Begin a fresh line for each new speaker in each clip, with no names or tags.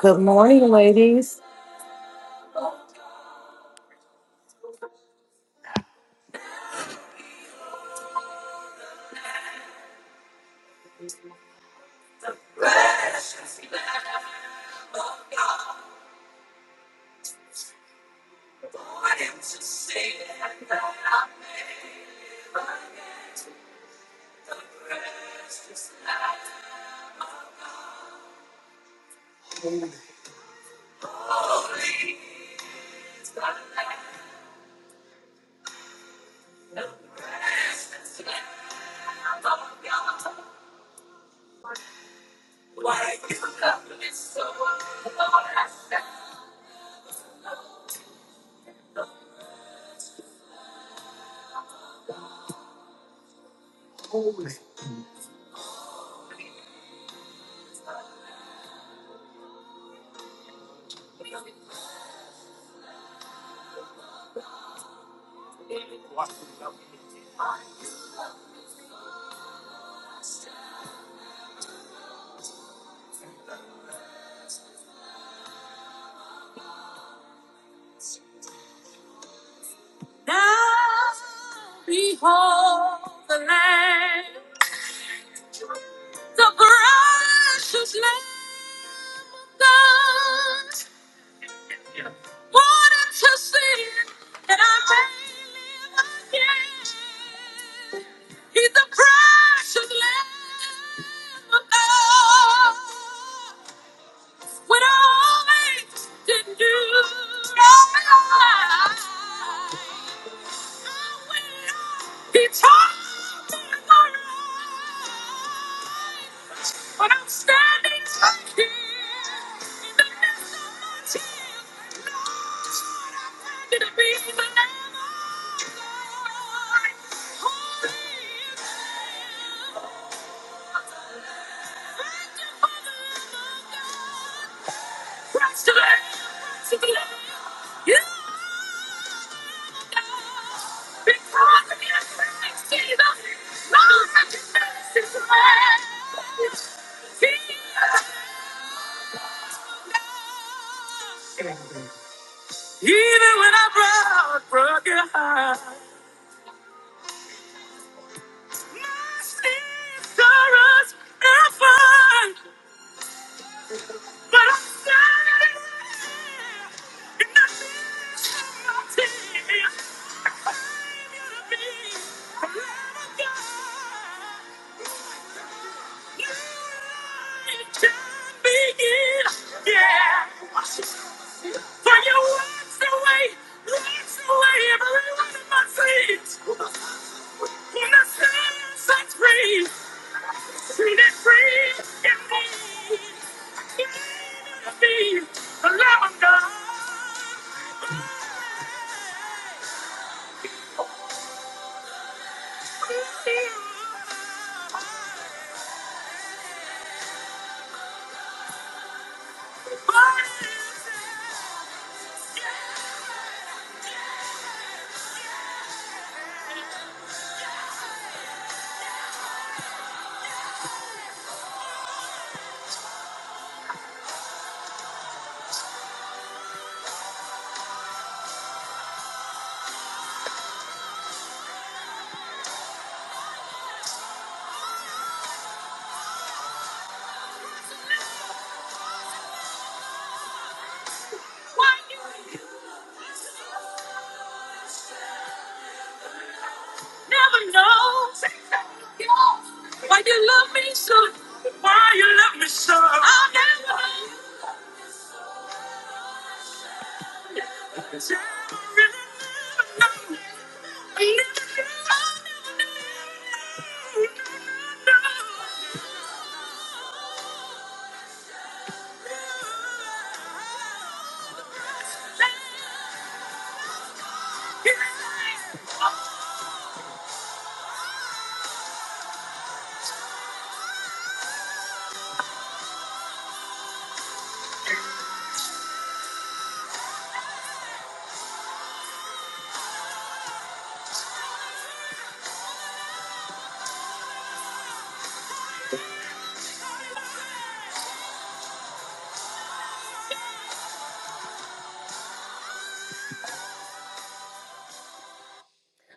Good morning, ladies.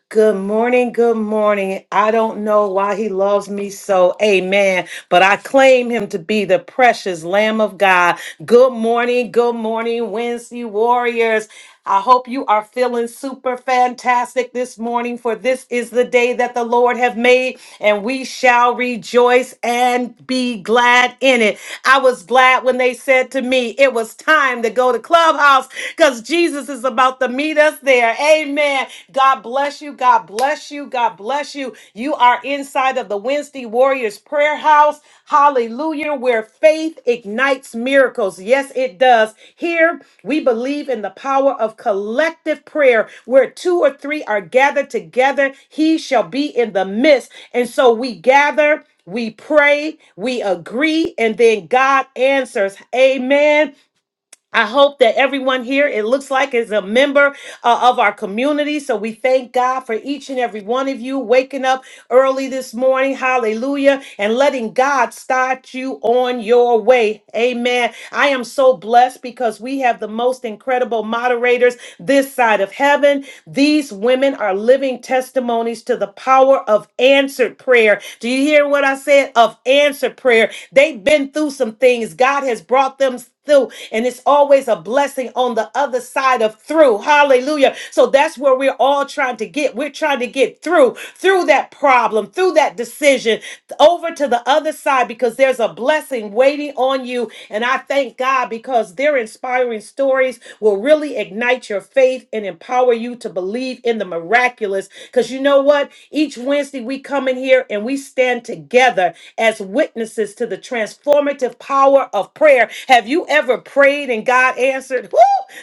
Good morning. Good morning. I don't know why he loves me so. Amen. But I claim him to be the precious Lamb of God. Good morning. Good morning, Wednesday Warriors. I hope you are feeling super fantastic this morning, for this is the day that the Lord have made, and we shall rejoice and and be glad in it. I was glad when they said to me, it was time to go to Clubhouse because Jesus is about to meet us there. Amen. God bless you. God bless you. God bless you. You are inside of the Wednesday Warriors Prayer House. Hallelujah. Where faith ignites miracles. Yes, it does. Here, we believe in the power of collective prayer where two or three are gathered together. He shall be in the midst. And so we gather we pray, we agree, and then God answers. Amen. I hope that everyone here, it looks like, is a member uh, of our community. So we thank God for each and every one of you waking up early this morning. Hallelujah. And letting God start you on your way. Amen. I am so blessed because we have the most incredible moderators this side of heaven. These women are living testimonies to the power of answered prayer. Do you hear what I said? Of answered prayer. They've been through some things. God has brought them through, and it's always a blessing on the other side of through. Hallelujah. So that's where we're all trying to get. We're trying to get through, through that problem, through that decision, over to the other side because there's a blessing waiting on you. And I thank God because their inspiring stories will really ignite your faith and empower you to believe in the miraculous. Because you know what? Each Wednesday we come in here and we stand together as witnesses to the transformative power of prayer. Have have you ever prayed and God answered? Woo!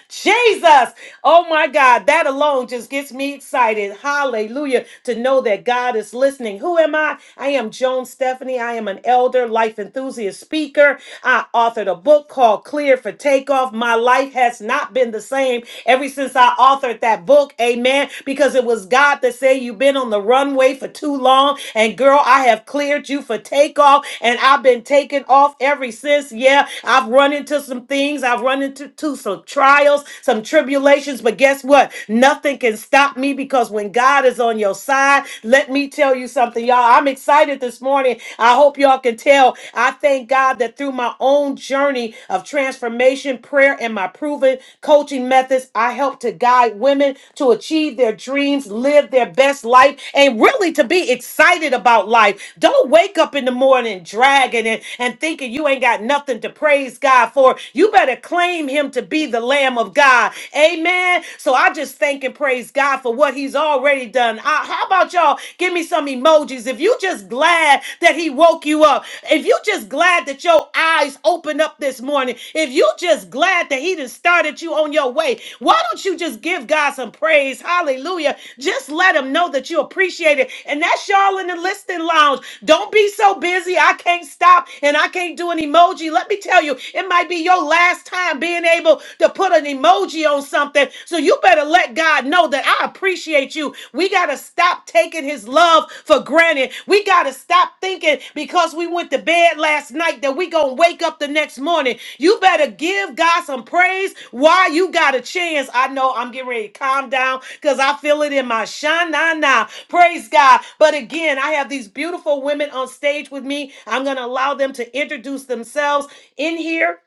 Jesus. Oh my God. That alone just gets me excited. Hallelujah. To know that God is listening. Who am I? I am Joan Stephanie. I am an elder, life enthusiast, speaker. I authored a book called Clear for Takeoff. My life has not been the same ever since I authored that book. Amen. Because it was God that said, You've been on the runway for too long. And girl, I have cleared you for takeoff. And I've been taking off ever since. Yeah, I've I've run into some things. I've run into to some trials, some tribulations. But guess what? Nothing can stop me because when God is on your side, let me tell you something, y'all. I'm excited this morning. I hope y'all can tell. I thank God that through my own journey of transformation, prayer, and my proven coaching methods, I help to guide women to achieve their dreams, live their best life, and really to be excited about life. Don't wake up in the morning dragging it and thinking you ain't got nothing to praise praise God for. You better claim him to be the Lamb of God. Amen. So I just thank and praise God for what he's already done. I- how about y'all give me some emojis? If you just glad that he woke you up, if you just glad that your eyes opened up this morning, if you just glad that he done started you on your way, why don't you just give God some praise? Hallelujah. Just let him know that you appreciate it. And that's y'all in the listening lounge. Don't be so busy. I can't stop and I can't do an emoji. Let me tell you, it might be your last time being able to put an emoji on something. So you better let God know that I appreciate you. We got to stop taking his love for granted. We got to stop thinking because we went to bed last night that we going to wake up the next morning. You better give God some praise while you got a chance. I know I'm getting ready to calm down because I feel it in my shanana. Praise God. But again, I have these beautiful women on stage with me. I'm going to allow them to introduce themselves in here.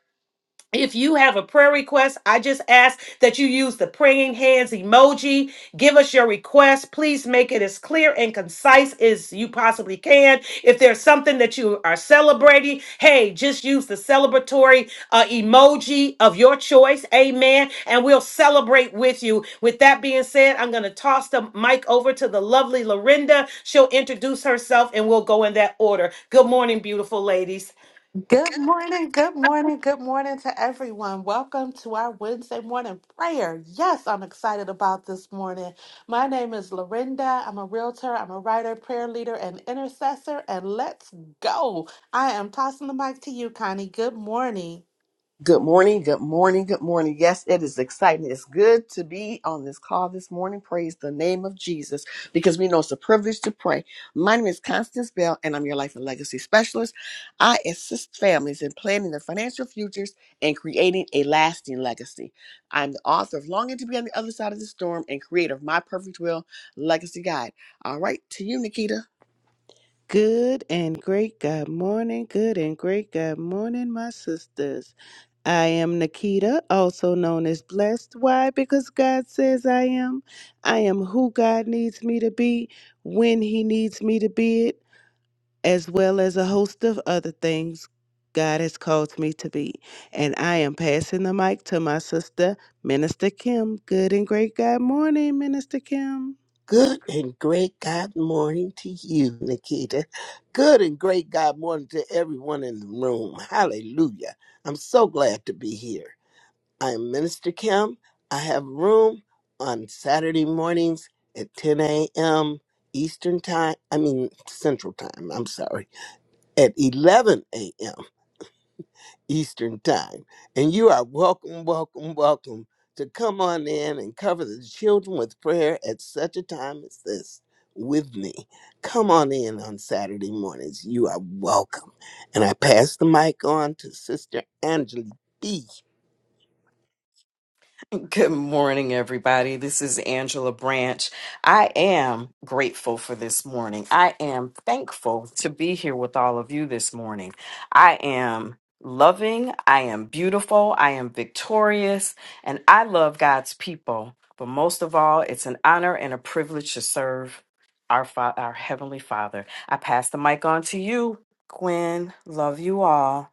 If you have a prayer request, I just ask that you use the praying hands emoji. Give us your request. Please make it as clear and concise as you possibly can. If there's something that you are celebrating, hey, just use the celebratory uh, emoji of your choice. Amen. And we'll celebrate with you. With that being said, I'm going to toss the mic over to the lovely Lorinda. She'll introduce herself and we'll go in that order. Good morning, beautiful ladies.
Good morning, good morning, good morning to everyone. Welcome to our Wednesday morning prayer. Yes, I'm excited about this morning. My name is Lorinda. I'm a realtor, I'm a writer, prayer leader, and intercessor. And let's go. I am tossing the mic to you, Connie. Good morning.
Good morning, good morning, good morning. Yes, it is exciting. It's good to be on this call this morning. Praise the name of Jesus because we know it's a privilege to pray. My name is Constance Bell, and I'm your life and legacy specialist. I assist families in planning their financial futures and creating a lasting legacy. I'm the author of Longing to Be on the Other Side of the Storm and creator of My Perfect Will Legacy Guide. All right, to you, Nikita.
Good and great good morning. Good and great good morning, my sisters. I am Nikita, also known as Blessed. Why? Because God says I am. I am who God needs me to be when He needs me to be it, as well as a host of other things God has called me to be. And I am passing the mic to my sister, Minister Kim. Good and great God morning, Minister Kim.
Good and great God morning to you, Nikita. Good and great God morning to everyone in the room. Hallelujah. I'm so glad to be here. I am Minister Kim. I have room on Saturday mornings at 10 a.m. Eastern Time. I mean, Central Time. I'm sorry. At 11 a.m. Eastern Time. And you are welcome, welcome, welcome to come on in and cover the children with prayer at such a time as this with me. Come on in on Saturday mornings. You are welcome. And I pass the mic on to Sister Angela B.
Good morning, everybody. This is Angela Branch. I am grateful for this morning. I am thankful to be here with all of you this morning. I am loving, I am beautiful, I am victorious, and I love God's people. But most of all, it's an honor and a privilege to serve our, fa- our Heavenly Father. I pass the mic on to you, Gwen. Love you all.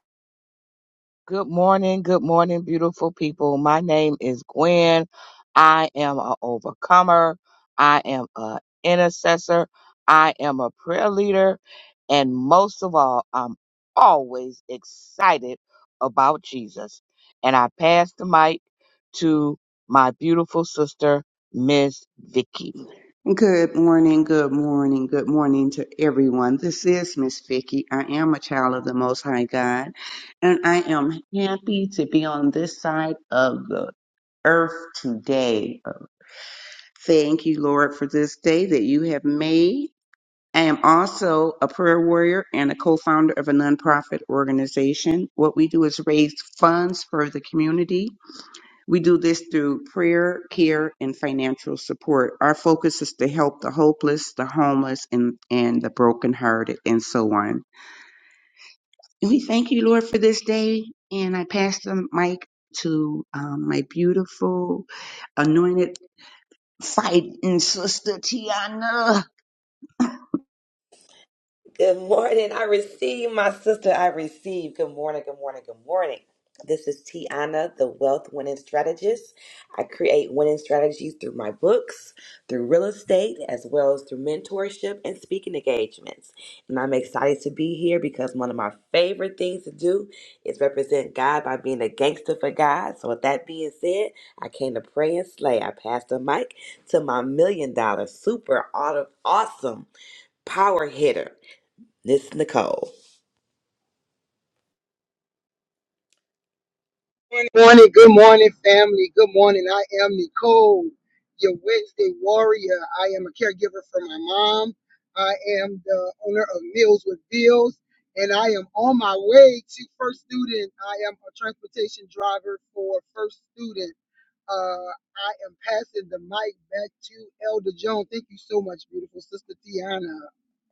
Good morning, good morning, beautiful people. My name is Gwen. I am an overcomer. I am an intercessor. I am a prayer leader. And most of all, I'm always excited about Jesus. And I pass the mic to my beautiful sister, Miss Vicky.
Good morning, good morning, good morning to everyone. This is Miss Vicky. I am a child of the Most High God, and I am happy to be on this side of the earth today. Thank you, Lord, for this day that you have made. I am also a prayer warrior and a co-founder of a nonprofit organization. What we do is raise funds for the community we do this through prayer, care, and financial support. Our focus is to help the hopeless, the homeless, and, and the brokenhearted, and so on. And we thank you, Lord, for this day. And I pass the mic to um, my beautiful, anointed fighting sister, Tiana.
Good morning. I receive, my sister. I receive. Good morning. Good morning. Good morning. This is Tiana, the wealth winning strategist. I create winning strategies through my books, through real estate, as well as through mentorship and speaking engagements. And I'm excited to be here because one of my favorite things to do is represent God by being a gangster for God. So, with that being said, I came to pray and slay. I pass the mic to my million dollar super auto- awesome power hitter. Miss Nicole.
Good morning, good morning, family. Good morning. I am Nicole, your Wednesday warrior. I am a caregiver for my mom. I am the owner of Meals with Bills, and I am on my way to First Student. I am a transportation driver for First Student. Uh, I am passing the mic back to Elder Joan. Thank you so much, beautiful sister Tiana.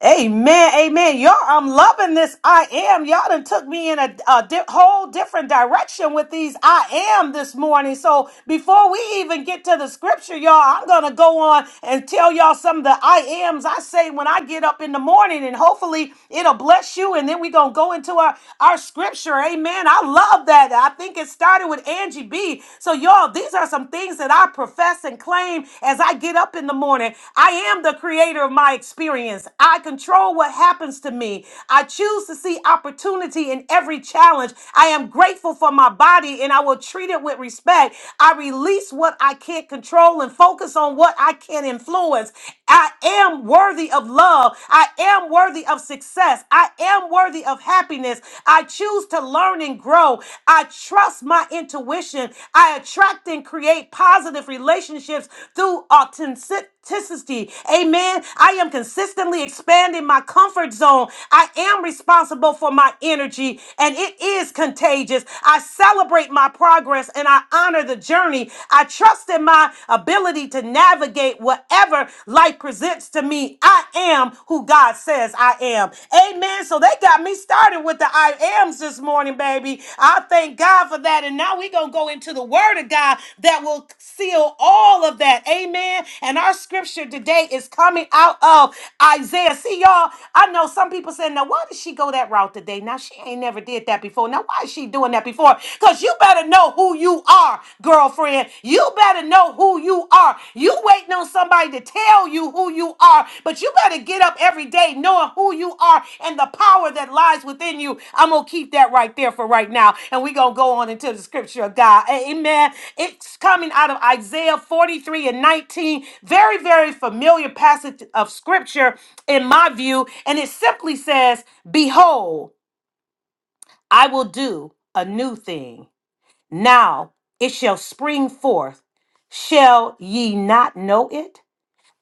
Amen, amen. Y'all, I'm loving this. I am. Y'all done took me in a, a di- whole different direction with these I am this morning. So before we even get to the scripture, y'all, I'm going to go on and tell y'all some of the I ams I say when I get up in the morning, and hopefully it'll bless you. And then we're going to go into our, our scripture. Amen. I love that. I think it started with Angie B. So, y'all, these are some things that I I profess and claim as I get up in the morning. I am the creator of my experience. I control what happens to me. I choose to see opportunity in every challenge. I am grateful for my body and I will treat it with respect. I release what I can't control and focus on what I can influence. I am worthy of love. I am worthy of success. I am worthy of happiness. I choose to learn and grow. I trust my intuition. I attract and create positive relationships through authenticity. Amen. I am consistently expanding my comfort zone. I am responsible for my energy and it is contagious. I celebrate my progress and I honor the journey. I trust trust in my ability to navigate whatever life presents to me. I am who God says I am. Amen. So they got me started with the I ams this morning, baby. I thank God for that. And now we're going to go into the word of God that will seal all of that. Amen. And our scripture today is coming out of Isaiah. See, y'all, I know some people saying, now why did she go that route today? Now she ain't never did that before. Now why is she doing that before? Because. Cause you better know who you are, girlfriend. You better know who you are. You waiting on somebody to tell you who you are, but you better get up every day knowing who you are and the power that lies within you. I'm gonna keep that right there for right now, and we gonna go on into the scripture of God. Amen. It's coming out of Isaiah 43 and 19. Very, very familiar passage of scripture in my view, and it simply says, Behold, I will do a new thing. Now it shall spring forth. Shall ye not know it?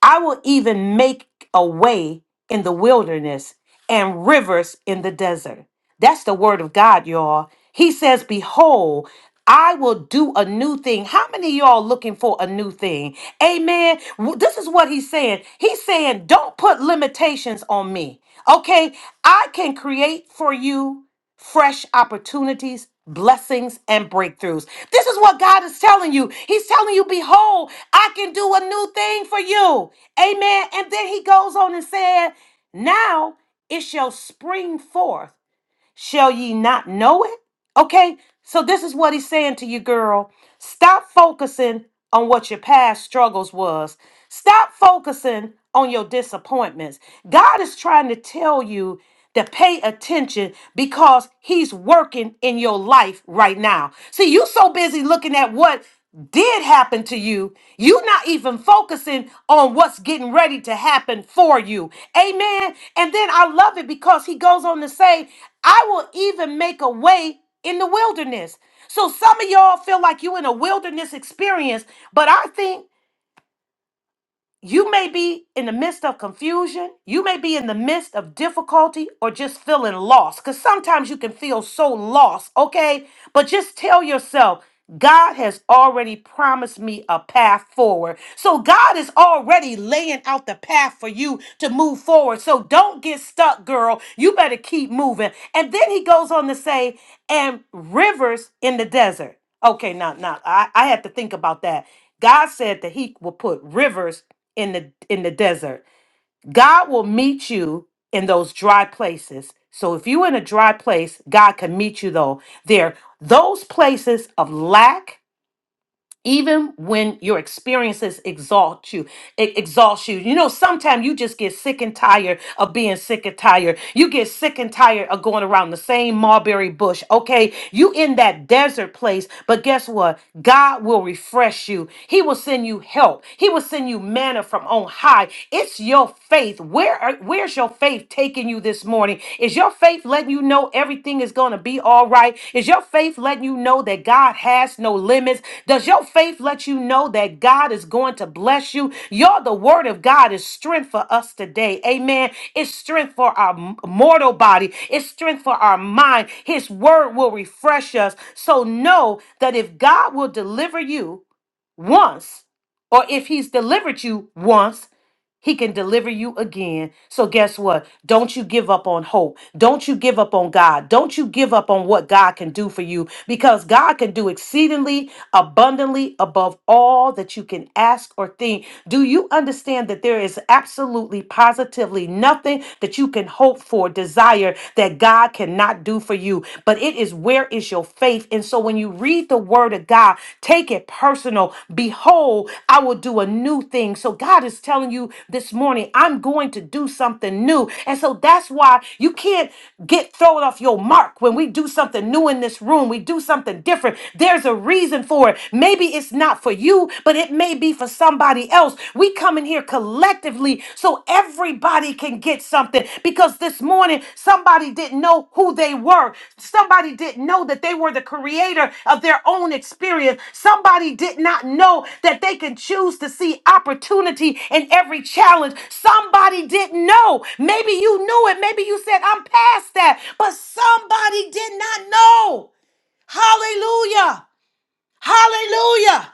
I will even make a way in the wilderness and rivers in the desert. That's the word of God, y'all. He says, Behold, I will do a new thing. How many of y'all looking for a new thing? Amen. W- This is what he's saying. He's saying, Don't put limitations on me. Okay, I can create for you fresh opportunities, blessings, and breakthroughs. This is what God is telling you. He's telling you, Behold, I can do a new thing for you. Amen. And then he goes on and said, Now it shall spring forth Shall ye not know it? Okay, so this is what he's saying to you, girl. Stop focusing on what your past struggles was. Stop focusing on your disappointments. God is trying to tell you to pay attention because he's working in your life right now. See, you so busy looking at what did happen to you, you're not even focusing on what's getting ready to happen for you. Amen. And then I love it because he goes on to say, I will even make a way in the wilderness. So some of y'all feel like you in a wilderness experience, but I think you may be in the midst of confusion. You may be in the midst of difficulty or just feeling lost because sometimes you can feel so lost, okay? But just tell yourself, God has already promised me a path forward. So God is already laying out the path for you to move forward. So don't get stuck, girl. You better keep moving. And then he goes on to say, and rivers in the desert. Okay, now, now I, I had to think about that. God said that he will put rivers in the in the desert. God will meet you in those dry places. So if you're in a dry place, God can meet you though there. Those places of lack, even when your experiences exalt you it exalts you you know sometimes you just get sick and tired of being sick and tired you get sick and tired of going around the same mulberry bush okay you in that desert place but guess what god will refresh you he will send you help he will send you manna from on high it's your faith where are, where's your faith taking you this this morning? Is your faith letting you know everything is going to be all right? Is your faith letting you know that God has no limits? Does your faith let you know that God is going to bless you? You're the word of God is strength for us today. Amen. It's strength for our m- mortal body, it's strength for our mind. His word will refresh us. So know that if God will deliver you, once, or if he's delivered you once, he can deliver you again. So, guess what? Don't you give up on hope. Don't you give up on God. Don't you give up on what God can do for you because God can do exceedingly abundantly above all that you can ask or think. Do you understand that there is absolutely positively nothing that you can hope for, desire that God cannot do for you? But it is where is your is your faith. And so when you read the word of God, take it personal. Behold, I will do a new thing. So God is telling you this morning, I'm going to do something new. And so that's why you can't get thrown off your mark when we do something new in this room. We do something different. There's a reason for it. Maybe it's not for you, but it may be for somebody else. We come in here collectively collectively so everybody can get something because this morning somebody didn't know who they were somebody didn't know that they were the creator of their own experience somebody did not know that they can choose to see opportunity in every challenge somebody didn't know maybe you knew it maybe you said i'm past that but somebody did not know hallelujah hallelujah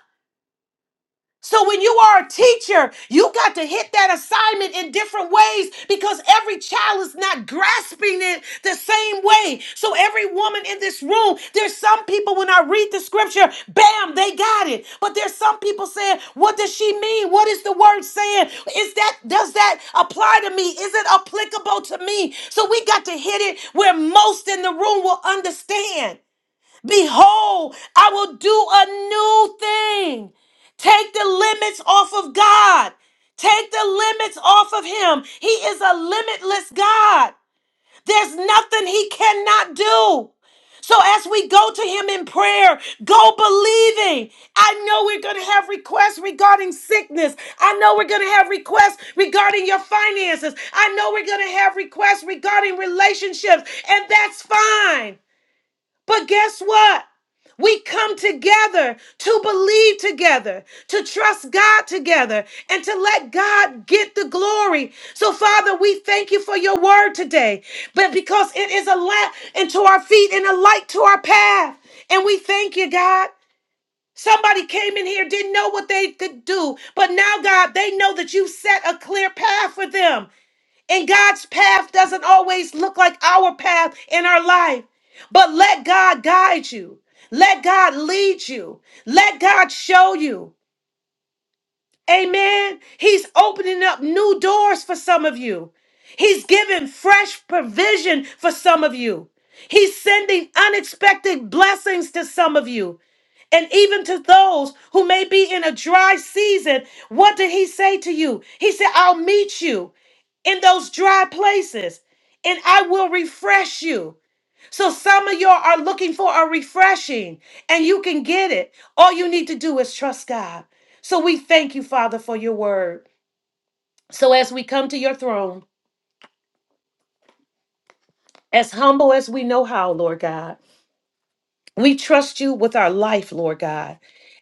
so when you are a teacher, you got to hit that assignment in different ways because every child is not grasping it the same way. So every woman in this room, there's some people when I read the scripture, bam, they got it. But there's some people saying, what does she mean? What is the word saying? Is that does that apply to me? Is it applicable to me? So we got to hit it where most in the room will understand. Behold, I will do a new thing. Take the limits off of God. Take the limits off of Him. He is a limitless God. There's nothing He cannot do. So as we go to Him in prayer, go believing. I know we're going to have requests regarding sickness. I know we're going to have requests regarding your finances. I know we're going to have requests regarding relationships, and that's fine. But guess what? We come together to believe together, to trust God together, and to let God get the glory. So, Father, we thank you for your word today, but because it is a lamp into our feet and a light to our path. And we thank you, God. Somebody came in here, didn't know what they could do, but now, God, they know that you set a clear path for them. And God's path doesn't always look like our path in our life. But let God guide you. Let God lead you. Let God show you. Amen. He's opening up new doors for some of you. He's giving fresh provision for some of you. He's sending unexpected blessings to some of you. And even to those who may be in a dry season, what did he say to you? He said, I'll meet you in those dry places, and I will refresh you. So, some of y'all are looking for a refreshing, and you can get it. All you need to do is trust God. So, we thank you, Father, for your word. So, as we come to your throne, as humble as we know how, Lord God, We trust you with our life, Lord God,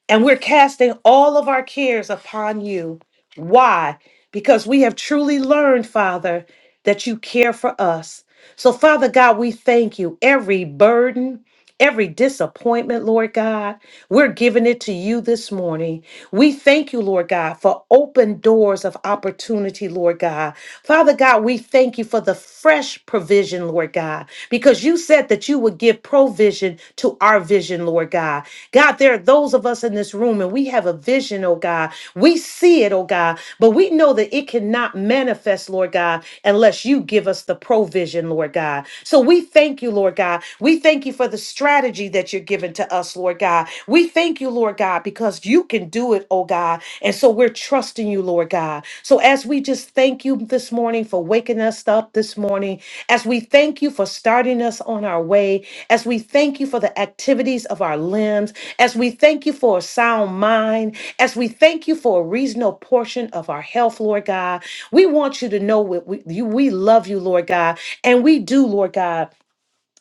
and we're casting all of our cares upon you. Why? Because we have truly learned, Father, that you care for us. So, Father God, we thank you. Every burden, every disappointment, Lord God. We're giving it to you this morning. We thank you, Lord God, for open doors of opportunity, Lord God. Father God, we thank you for the fresh provision, Lord God, because you said that you would give provision to our vision, Lord God. God, there are those of us in this room and we have a vision, oh God. We see it, oh God, but we know that it cannot manifest, Lord God, unless you give us the provision, Lord God. So we thank you, Lord God. We thank you for the strategy that you're giving to us, Lord God. We thank you, Lord God, because you can do it, oh God. And so we're trusting you, Lord God. So as we just thank you this morning for waking us up this morning, as we thank you for starting us on our way, as we thank you for the activities of our limbs, as we thank you for a sound mind, as we thank you for a reasonable portion of our health, Lord God, we want you to know we, we, you, we love you, Lord God, and we do, Lord God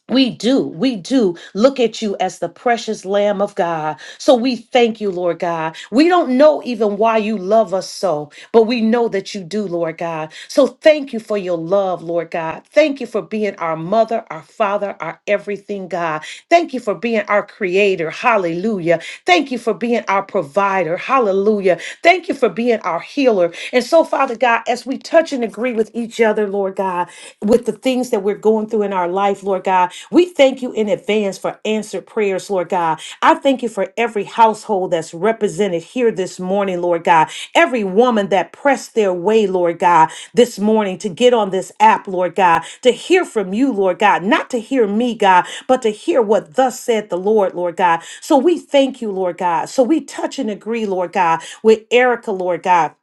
we do, we do look at you as the precious Lamb of God. So we thank you, Lord God. We don't know even why you love us so, but we know that you do, Lord God. So thank you for your love, Lord God. Thank you for being our mother, our father, our everything, God. Thank you for being our creator. Hallelujah. Thank you for being our provider. Hallelujah. Thank you for being our healer. And so, Father God, as we touch and agree with each other, Lord God, with the things that we're going through in our life, Lord God. We thank you in advance for answered prayers, Lord God. I thank you for every household that's represented here this morning, Lord God. Every woman that pressed their way, Lord God, this morning to get on this app, Lord God, to hear from you, Lord God, not to hear me, God, but to hear what thus said the Lord, Lord God. So we thank you, Lord God. So we touch and agree, Lord God, with Erica, Lord God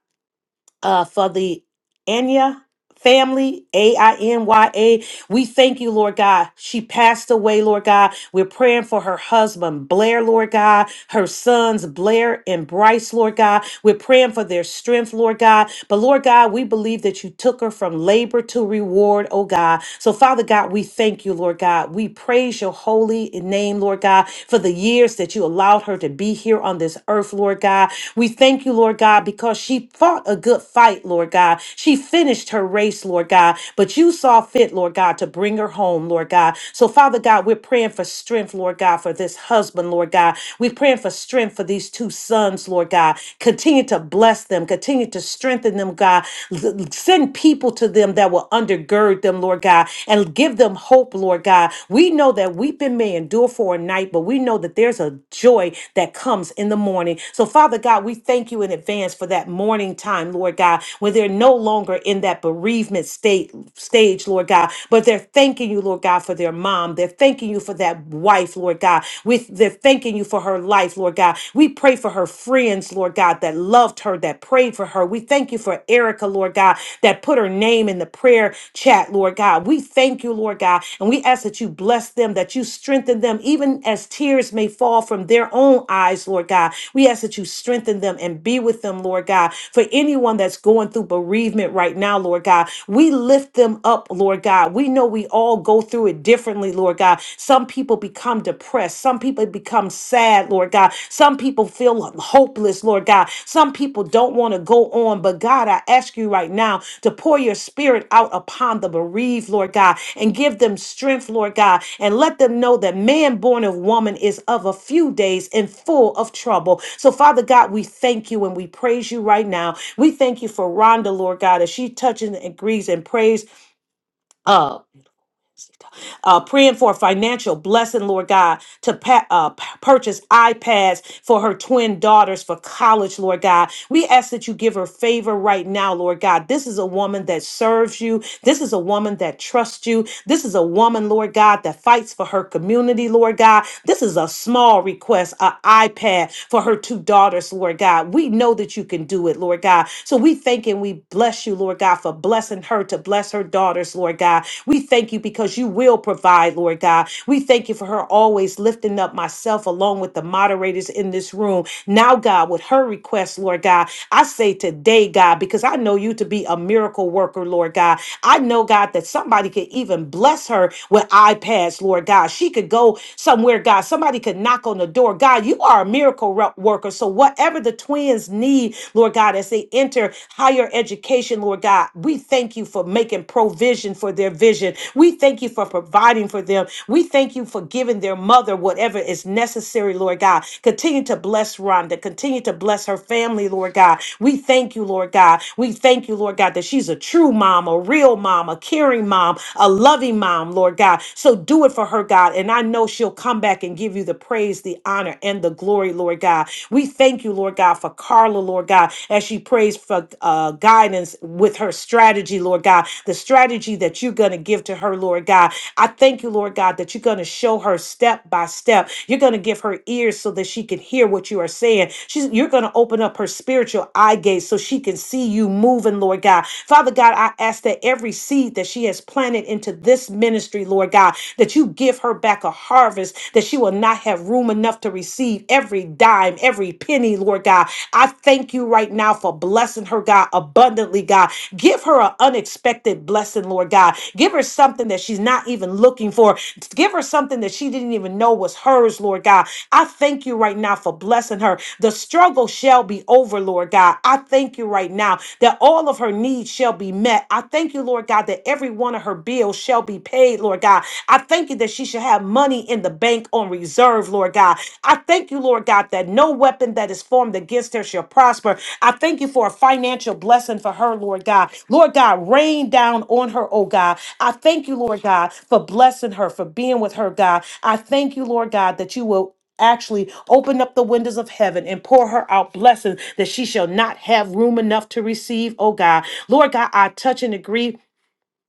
uh, for the Anya family, A I N Y A. We thank you, Lord God. She passed away, Lord God. We're praying for her husband, Blair, Lord God, her sons, Blair and Bryce, Lord God. We're praying for their strength, Lord God. But Lord God, we believe that you took her from labor to reward, oh God. So, Father God, we thank you, Lord God. We praise your holy name, Lord God, for the years that you allowed her to be here on this earth, Lord God. We thank you, Lord God, because she fought a good fight, Lord God. She finished her race, Lord God, but you saw fit, Lord God, to bring her home, Lord God. So, Father God, we're praying for strength, Lord God, for this husband, Lord God. We're praying for strength for these two sons, Lord God. Continue to bless them, continue to strengthen them, God. L- Send people to them that will undergird them, Lord God, and give them hope, Lord God. We know that weeping may endure for a night, but we know that there's a joy that comes in the morning. So, Father God, we thank you in advance for that morning time, Lord God, when they're no longer in that bereavement state stage, Lord God, but they're thanking you, Lord God, for their mom. They're thanking you for that wife, Lord God. With they're thanking you for her life, Lord God. We pray for her friends, Lord God, that loved her, that prayed for her. We thank you for for Erica, Lord God, that put her name in the prayer chat, Lord God. We thank you, Lord God, and we ask that you bless them, that you strengthen them, even as tears may fall from their own eyes, Lord God. We ask that you strengthen them and be with them, Lord God. For anyone that's going through bereavement right now, Lord God, we lift them up, Lord God. We know we all go through it differently, Lord God. Some people become depressed, some people become become sad, Lord God. Some people feel hopeless, Lord God. Some people don't want to go on. But God, I ask you right now to pour your spirit out upon the bereaved, Lord God, and give them strength, Lord God, and let them know that man born of woman is of a few days and full of trouble. So, Father God, we thank you and we praise you right now. We thank you for Rhonda, Lord God, as she touches and agrees and prays. Uh, uh, praying for a financial blessing, Lord God, to pa- uh, p- purchase iPads for her twin daughters for college, Lord God. We ask that you give her favor right now, Lord God. This is a woman that serves you. This is a woman that trusts you. This is a woman, Lord God, that fights for her community, Lord God. This is a small request, an iPad for her two daughters, Lord God. We know that you can do it, Lord God. So we thank and we bless you, Lord God, for blessing her to bless bless her daughters, Lord God. We thank you because you will provide, Lord God. We thank you for her always lifting up myself along with the moderators in this room. Now, God, with her request, Lord God, I say today, God, because I know you to be a miracle worker, Lord God. I know, God, that somebody could even bless her with iPads, Lord God. She could go somewhere, God. Somebody could knock on the door. God, you are a miracle ro- worker. So, whatever the twins need, Lord God, as they enter enter higher education, Lord God. We thank you for making provision for their vision. We thank you for providing for them. We thank you for giving their mother whatever is necessary, Lord God. Continue to bless Rhonda. Continue to bless her family, Lord God. We thank you, Lord God. We thank you, Lord God, that she's a true mom, a real mom, a caring mom, a loving mom, Lord God. So do it for her, God. And I know she'll come back and give you the praise, the honor, and the glory, Lord God. We thank you, Lord God, for Carla, Lord God, as she prays for uh, guidance with her strategy, Lord God, the strategy that you're going to give to her, Lord God. I thank you, Lord God, that you're going to show her step by step. You're going to give her ears so that she can hear what you are saying. She's, you're going to open up her spiritual eye gates so she can see you moving, Lord God. Father God, I ask that every seed that she has planted into this ministry, Lord God, that you give her back a harvest, that she will not not have room enough to receive every dime, every penny, Lord God. I thank you right now for blessing her, God, abundantly, God. Give her an unexpected blessing, Lord God. Give her something that she's not even looking for. Give her something that she didn't even know was hers, Lord God. I thank you right now for blessing her. The struggle shall be over, Lord God. I thank you right now that all of her needs shall be met. I thank you, Lord God, that every one of her bills shall be paid, Lord God. God. I thank you that she should have money in the bank on reserve, Lord God. I thank you, Lord God, that no weapon that is formed against her shall prosper. I thank you for a financial blessing for her, Lord God. Lord God, rain down on her, oh God. I thank you, Lord God, for blessing her, for being with her, God. I thank you, Lord God, that you will actually open up the windows of heaven and pour her out blessings that she shall not have room enough to receive. Oh God, Lord God, I touch and agree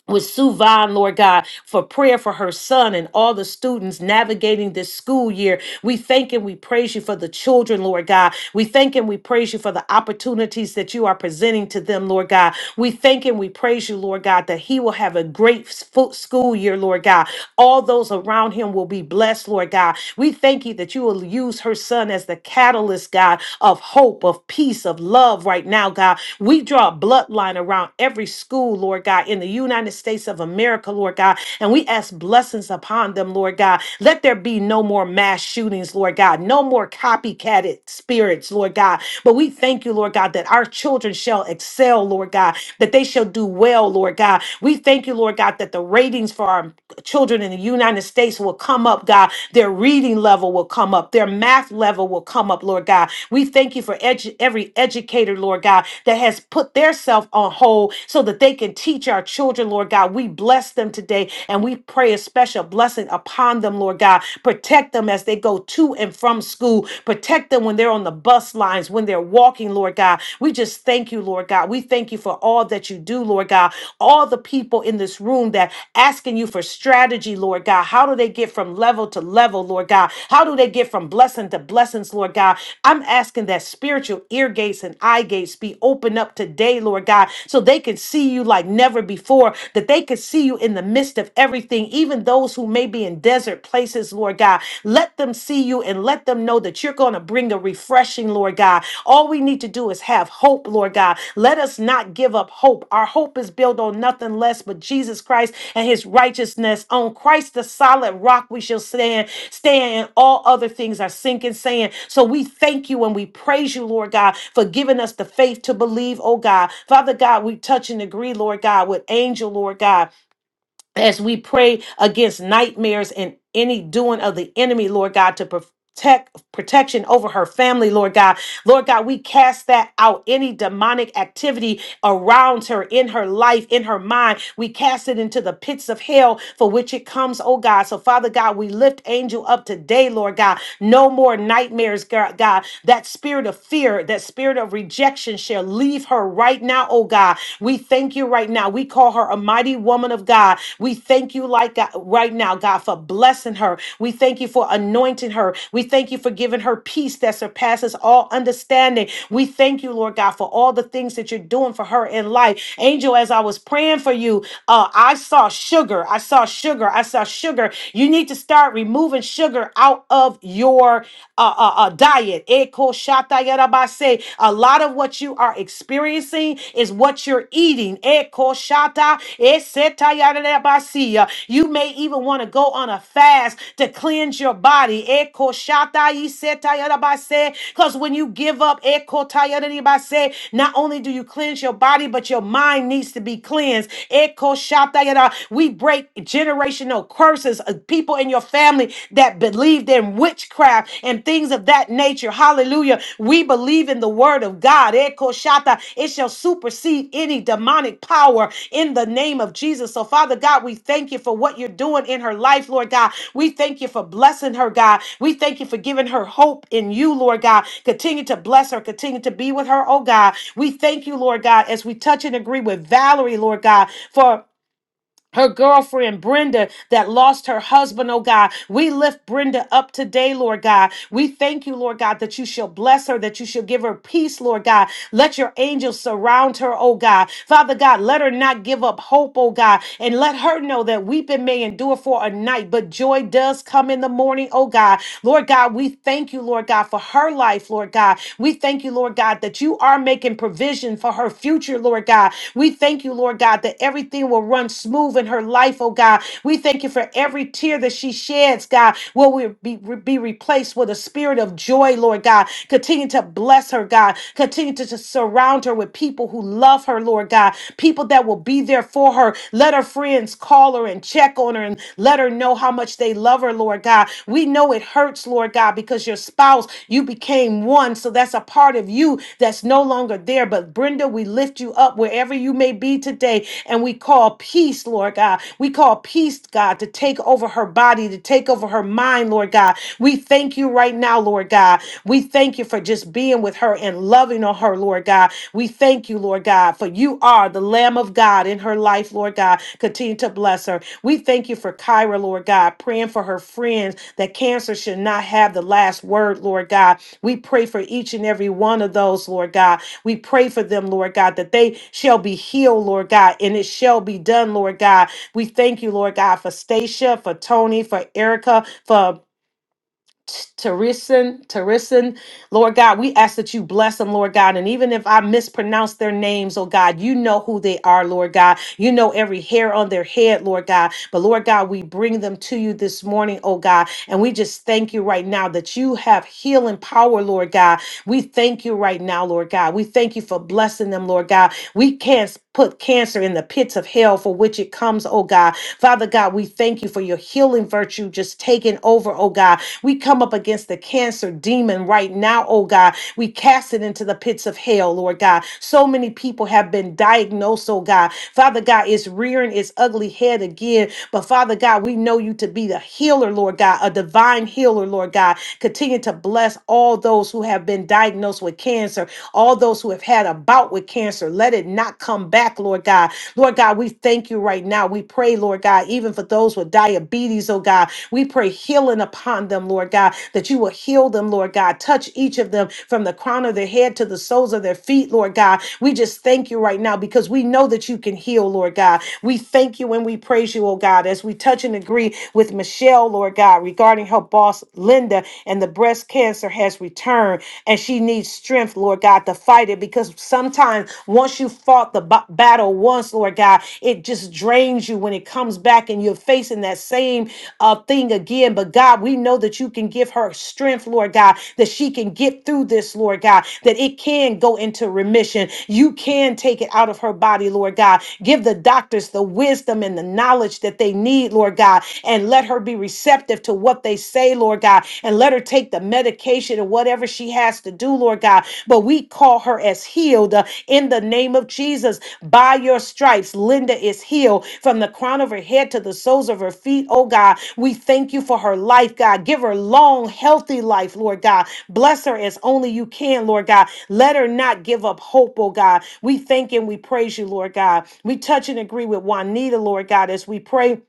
with Sue Suvan, Lord God, for prayer for her son and all the students navigating this school year. We thank and we praise you for the children, Lord God. We thank and we praise you for the opportunities that you are presenting to them, Lord God. We thank and we praise you, Lord God, that he will have a great s- school year, Lord God. All those around him will be blessed, Lord God. We thank you that you will use her son as the catalyst, God, of hope hope, of peace, of love right now, God. We draw a bloodline around every school, Lord God, in the United States of America, Lord God, and we ask blessings upon them, Lord God. Let there be no more mass shootings, Lord God, no more copycatted spirits, Lord God. But we thank you, Lord God, that our children shall excel, Lord God, that they shall do well, Lord God. We thank you, Lord God, that the ratings for our children in the United States. United States will come up, God. Their reading level will come up. Their math level will come up, Lord God. We thank you for edu- every educator, Lord God, that has put their self on hold so that they can teach our children, Lord God. We bless them today and we pray a special blessing upon them, Lord God. Protect them as they go to and from school. Protect them when they're on the bus lines, when they're walking, Lord God. We just thank you, Lord God. We thank you thank you for all that you do, Lord God. All the people in this room that asking you for strategy, Lord God. How do they get from level to level, Lord God? How do they get from blessing to blessings, Lord God? I'm asking that spiritual ear gates and eye gates be opened up today, Lord God, so they can see you like never before, that they can see you in the midst of everything, even those who may be in desert places, Lord God. Let them see you and let them know that you're going to bring the refreshing, Lord God. All we need to do is have hope, Lord God. Let us not give up hope. Our hope is built on nothing less but Jesus Christ and his righteousness. On Christ, the solid rock, we shall stand. Stand, and all other things are sinking sand. So we thank you and we praise you, Lord God, for giving us the faith to believe, oh God. Father God, we touch and agree, Lord God, with angel, Lord God as we pray against nightmares and any doing of the enemy, Lord God, to protect protection over her family, Lord God. Lord God, we cast that out. Any demonic activity around her, in her life, in her mind, we cast it into the pits of hell for which it comes, oh God. So, Father God, we lift Angel up today, Lord God. No more nightmares, God. God. That spirit of fear, that spirit of rejection shall leave her right now now, oh God. We thank you right now. We call her a mighty woman of God. We thank you like God, right now, God, for blessing her. We thank you for anointing her. We thank you for giving her peace that surpasses all understanding. We thank you, Lord God, for all the things that you're doing for her in life. Angel, as I was praying for you, uh, I saw sugar. I saw sugar. I saw sugar. You need to start removing sugar out of your uh, uh, uh, diet. Ekoshata yarabase. A lot of what you are experiencing is what you're eating. Ekoshata eseta yarabasiya. You may even want to go on a fast to cleanse your body. Ekoshata iseta yarabase. Because when you give up, ekota yarabase, not only do you cleanse your body, but your mind needs to be cleansed. Ekoshata yara. We break generational curses. of People in your family family that believed in witchcraft and things of that nature. Hallelujah. We believe in the word of God. Eko shata. It shall supersede any demonic power in the name of Jesus. So, Father God, we thank you for what you're doing in her life, Lord God. We thank you for blessing her, God. We thank you for giving her hope in you, Lord God. Continue to bless her. Continue to be with her, oh God. We thank you, Lord God, as we touch and agree with Valerie, Lord God, for her girlfriend Brenda that lost her husband, oh God. We lift Brenda up today, Lord God. We thank you, Lord God, that you shall bless her, that you shall give her peace, Lord God. Let your angels surround her, oh God. Father God, let her not give up hope, oh God, and let her know that weeping may endure for a night, but joy does come in the morning, oh God. Lord God, we thank you, Lord God, for her life, Lord life, Lord God. We thank you, Lord God, that you are making provision for her future, Lord God. We thank you, Lord God, that everything will run smooth in her life, oh God. We thank you for every tear that she sheds, God, will we be, be replaced with a spirit of joy, Lord God. Continue to bless her, God. Continue to, to surround her with people who love her, Lord God. People that will be there for her. Let her friends friends call her and check on her and let her know how much they love her, Lord God. We know it hurts, Lord God, because your spouse, you became one. So that's a part of you that's no longer there. But Brenda, we lift you up wherever you may be today. And we call peace, Lord God. We call peace, God, to take over her body, to take over her mind, Lord God. We thank you right now, Lord God. We thank you you for just being with her and loving on her, Lord God. We thank you, Lord God, for you are the Lamb of God in her life, Lord God. Continue to bless her. We thank you for Kyra, Lord God, praying for her friends that cancer should not have the last word, Lord God. We pray for each and every one of those, Lord God. We pray for them, Lord God, that they shall be healed, Lord God, and it shall be done, Lord God. We thank you, Lord God, for Stacia, for Tony, for Erica, for Terison, Terison, Lord God, we ask that you bless them, Lord God. And even if I mispronounce their names, oh God, you know who they are, Lord God. You know every hair on their head, Lord God. But Lord God, we bring them to you this morning, oh God. And we just thank you right now that you have healing power, Lord God. We thank you right now, Lord God. We thank you for blessing them, Lord God. We can't put cancer in the pits of hell for which it comes, oh God. Father God, we thank you for your healing virtue just taking over, oh God. We come up against the cancer demon right now, oh God. We cast it into the pits of hell, Lord God. So many people have been diagnosed, oh God. Father God, it's rearing its ugly head again. But Father God, we know you to be the healer, Lord God, a divine healer, Lord God. Continue to bless all those who have been diagnosed with cancer, all those who have had a bout with cancer. Let it not come back, Lord God. Lord God, we thank you right now. We pray, Lord God, even for those with diabetes, oh God. We pray healing upon them, Lord God, that you will heal them, Lord God. Touch each of them from the crown of their head to the soles of their feet, Lord God. We just thank you right now because we know that you can heal, Lord God. We thank you and we praise you, oh God, as we touch and agree with Michelle, Lord God, regarding her bone boss, Linda, and the breast cancer has returned, and she needs strength, Lord God, to fight it because sometimes once you fought the ba- battle once, Lord God, it just drains you when it comes back and you're facing that same uh, thing again. But God, we know that you can give her strength, Lord God, that she can get through this, Lord God, that it can go into remission. You can take it out of her body, Lord God. Give the doctors the wisdom and the knowledge that they need, Lord God, and let her her be receptive to what they say, Lord God, and let her take the medication or whatever she has to do, Lord God. But we call her as healed uh, in the name of Jesus. By your stripes, Linda is healed from the crown of her head to the soles of her feet, oh God. We thank you for her life, God. Give her long, healthy life, Lord God. Bless her as only you can, Lord God. Let her not give up hope, oh God. We thank and we praise you, Lord God. We touch and agree with Juanita, Lord God, as we pray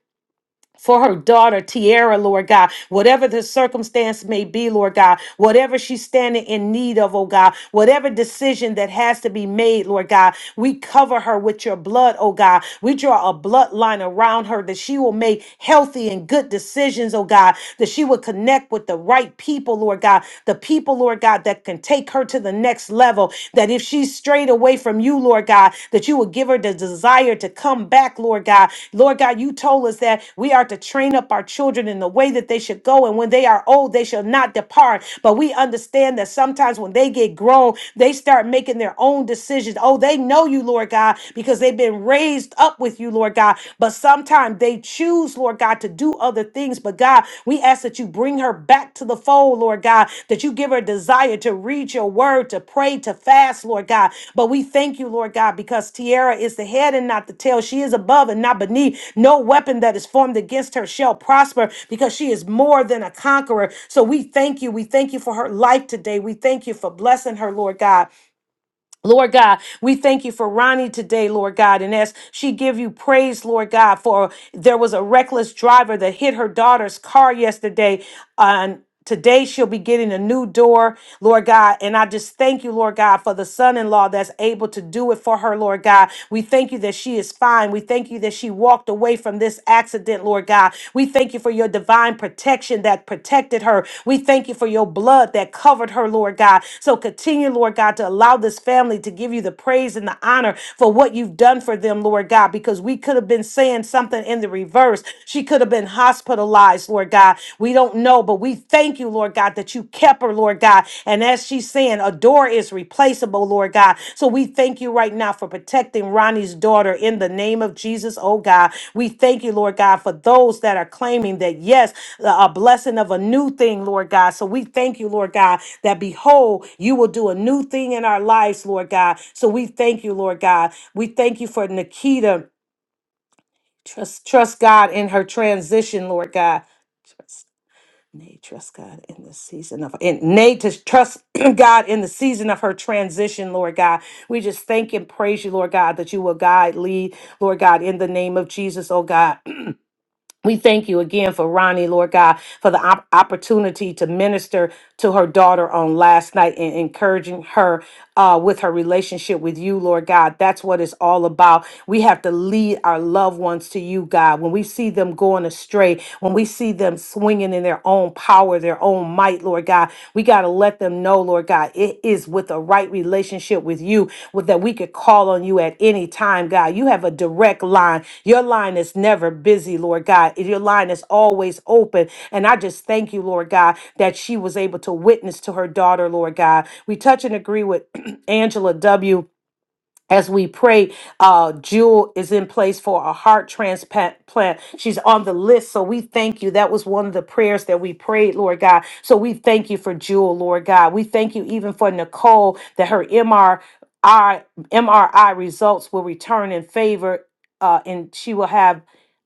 for her daughter, Tiara, Lord God, whatever the circumstance may be, Lord God, whatever she's standing in need of, oh God, whatever decision that has to be made, Lord God, we cover her with your blood, oh God. We draw a bloodline around her that she will make healthy and good decisions, oh God, that she will connect with the right people, Lord God, the people, Lord God, that can take her to the next level, level that if she's strayed away from you, Lord God, that you would give her the desire to come back, Lord God. Lord God, you told us that we are to train up our children in the way that they should go, and when they are old, they shall not depart. But we understand that sometimes when they get grown, they start making their own decisions. Oh, they know you, Lord God, because they've been raised up with you, Lord God. But sometimes they choose, Lord God God, to do other things. But God, we ask that you bring her back to the fold, Lord God, that you give her desire to read your word, to pray, to fast, Lord God. But we thank you, Lord God, because Tiara is the head and not the tail. She is above and not beneath. No weapon that is formed against her shall prosper because she is more than a conqueror. So we thank you. We thank you for her life today. We thank you for blessing her, Lord God. Lord God, we thank you for Ronnie today, Lord God. And as she give you praise, Lord God, for there was a reckless driver that hit her daughter's car yesterday. And today she'll be getting a new door, Lord God. And I just thank you, Lord God, for the son-in-law that's able to do it for her, Lord God. We thank you that she is fine. We thank you that she walked away from this accident, accident, Lord God. We thank you for your divine protection that protected her. We thank you for your blood that covered her, Lord God. So continue, Lord God, to allow this family to give you the praise and the honor for what you've done for them, Lord God, because we could have been saying something in the reverse. She could have been hospitalized, Lord God. We don't know, but we thank you, Lord God, that you kept her, Lord God. And as she's saying, a door is replaceable, Lord God. So we thank you right now for protecting Ronnie's daughter in the name of Jesus, oh God. We thank you, Lord God, for those that are claiming that, yes, a blessing of a new thing, Lord God. So we thank you, Lord God, that behold, you will do a new thing in our lives, Lord God. So we thank you, Lord God. We thank you for Nikita. Trust, trust God in her transition, Lord God. Nay, trust God in the season of and Nay to trust God in the season of her transition, Lord God. We just thank and praise you, Lord God, that you will guide, lead, Lord God, in the name of Jesus, oh God. We thank you again for Ronnie, Lord God, for the op- opportunity to minister to her daughter on last night and encouraging her uh, with her relationship with you, Lord God. That's what it's all about. We have to lead our loved ones to you, God. When we see them going astray, when we see them swinging in their own power, their own mind might, Lord God. We got to let them know, Lord God, it is with a right relationship with you, with that we could call on you at any time, God. You have a direct line. Your line is never busy, Lord God. Your line is always open. And I just thank you, Lord God, that she was able to witness to her daughter, Lord God. We touch and agree with Angela W as we pray, uh, Jewel is in place for a heart transplant. Plant. She's on the list. So we thank you. That was one of the prayers that we prayed, Lord God. So we thank you for Jewel, Lord God. We thank you even for Nicole that her MRI, MRI results will return in favor. Uh, and she will have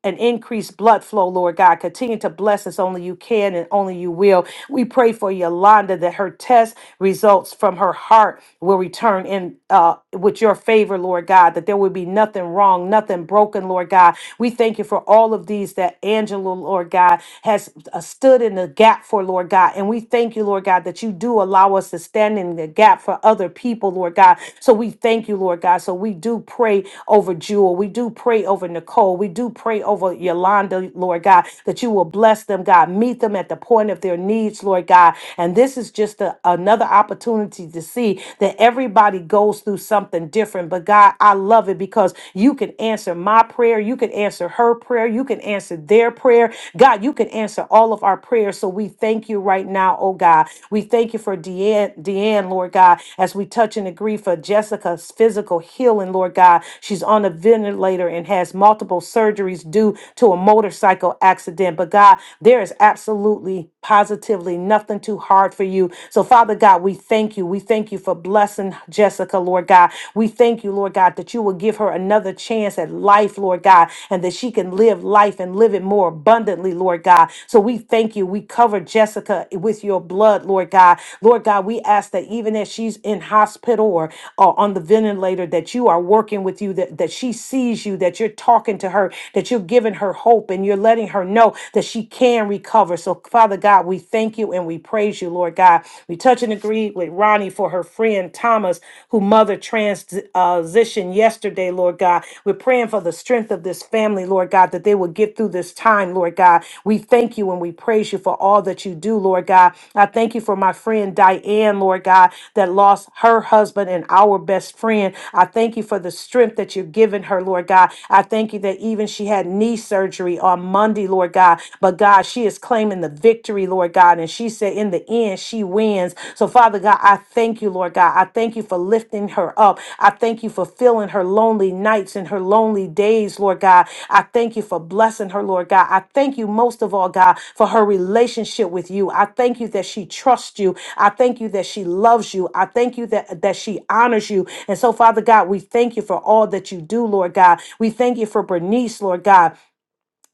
and increase blood flow, Lord God. Continue to bless us only you can and only you will. We pray for Yolanda that her test results from her heart will return in uh, with your favor, Lord God, that there will be nothing wrong, nothing broken, Lord God. We thank you for all of these that Angela, Lord God, has uh, stood in the gap for, Lord God. And we thank you, Lord God, that you do allow us to stand in the gap for other people, Lord God. So we thank you, Lord God. So we do pray over Jewel. We do pray over Nicole. We do pray over over Yolanda, Lord God, that you will bless them, God. Meet them at the point of their needs, Lord God. And this is just a, another opportunity to see that everybody goes through something different. But God, I love it because you can answer my prayer. You can answer her prayer. You can answer their prayer. God, you can answer all of our prayers. So we thank you right now, oh God. We thank you for Deanne, Deanne Lord God, as we touch and agree for Jessica's physical healing, Lord God. She's on a ventilator and has multiple surgeries due due to a motorcycle accident. But God, there is absolutely, positively nothing too hard for you. So, Father God, we thank you. We thank you for blessing Jessica, Lord God. We thank you, Lord God, that you will give her another chance at life, Lord God, and that she can live life and live it more abundantly, Lord God. So, we thank you. We cover Jessica with your blood, Lord God. Lord God, we ask that even as she's in hospital or, or on the ventilator, that you are working with you, that, that she sees you, that you're talking to her, that you're giving you've given her hope and you're letting her know that she can recover. So, Father God, we thank you and we praise you, Lord God. We touch and agree with Ronnie for her friend Thomas, who mother transitioned yesterday, Lord God. We're praying for the strength of this family, Lord God, that they will get through this time, Lord God. We thank you and we praise you for all that you do, Lord God. I thank you for my friend Diane, Lord God, that lost her husband and our best friend. I thank you for the strength that you're giving her, Lord God. I thank you that even she had knee surgery on Monday, Lord God. But God, she is claiming the victory, Lord God. And she said, in the end, she wins. So, Father God, I thank you, Lord God. I thank you for lifting her up. I thank you for filling her lonely nights and her lonely days, Lord God. I thank you for blessing her, Lord God. I thank you most of all, God, for her relationship with you. I thank you that she trusts you. I thank you that she loves you. I thank you that, that she honors you. And so, Father God, we thank you for all that you do, Lord God. We thank you for Bernice, Lord God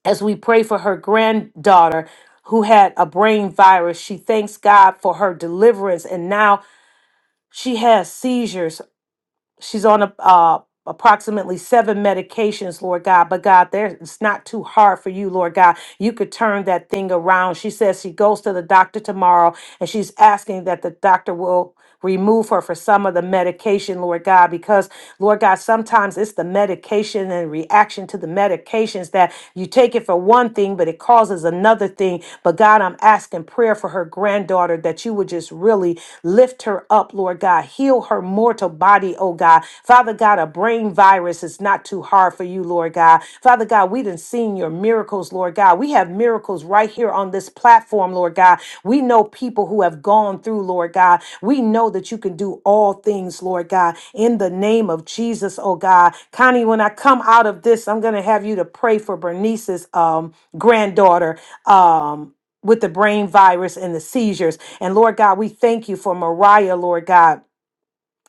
as we pray for her granddaughter who had a brain virus. She thanks God for her deliverance and now she has seizures she's on a, uh, approximately seven medications, Lord God. But God, there it's not too hard for you, Lord God. You could turn that thing around. She says she goes to the doctor tomorrow, and she's asking that the doctor will remove her for some of the medication, Lord God, because Lord God, sometimes it's the medication and reaction to the medications that you take it for one thing, but it causes another thing. But God, I'm asking prayer for her granddaughter that you would just just really lift her up, Lord God. Heal her mortal body, oh God. Father God, a brain virus is not too hard for you, Lord God. Father God, we done seen your miracles, Lord God. We have miracles right here on this platform, Lord God. We know people who have gone through, Lord God. We know that you can do all things, Lord God, in the name of Jesus, oh God. Connie, when I come out of this, I'm gonna have you to pray for Bernice's um granddaughter. Um with the brain virus and the seizures. And Lord God, we thank you for Mariah, Lord God.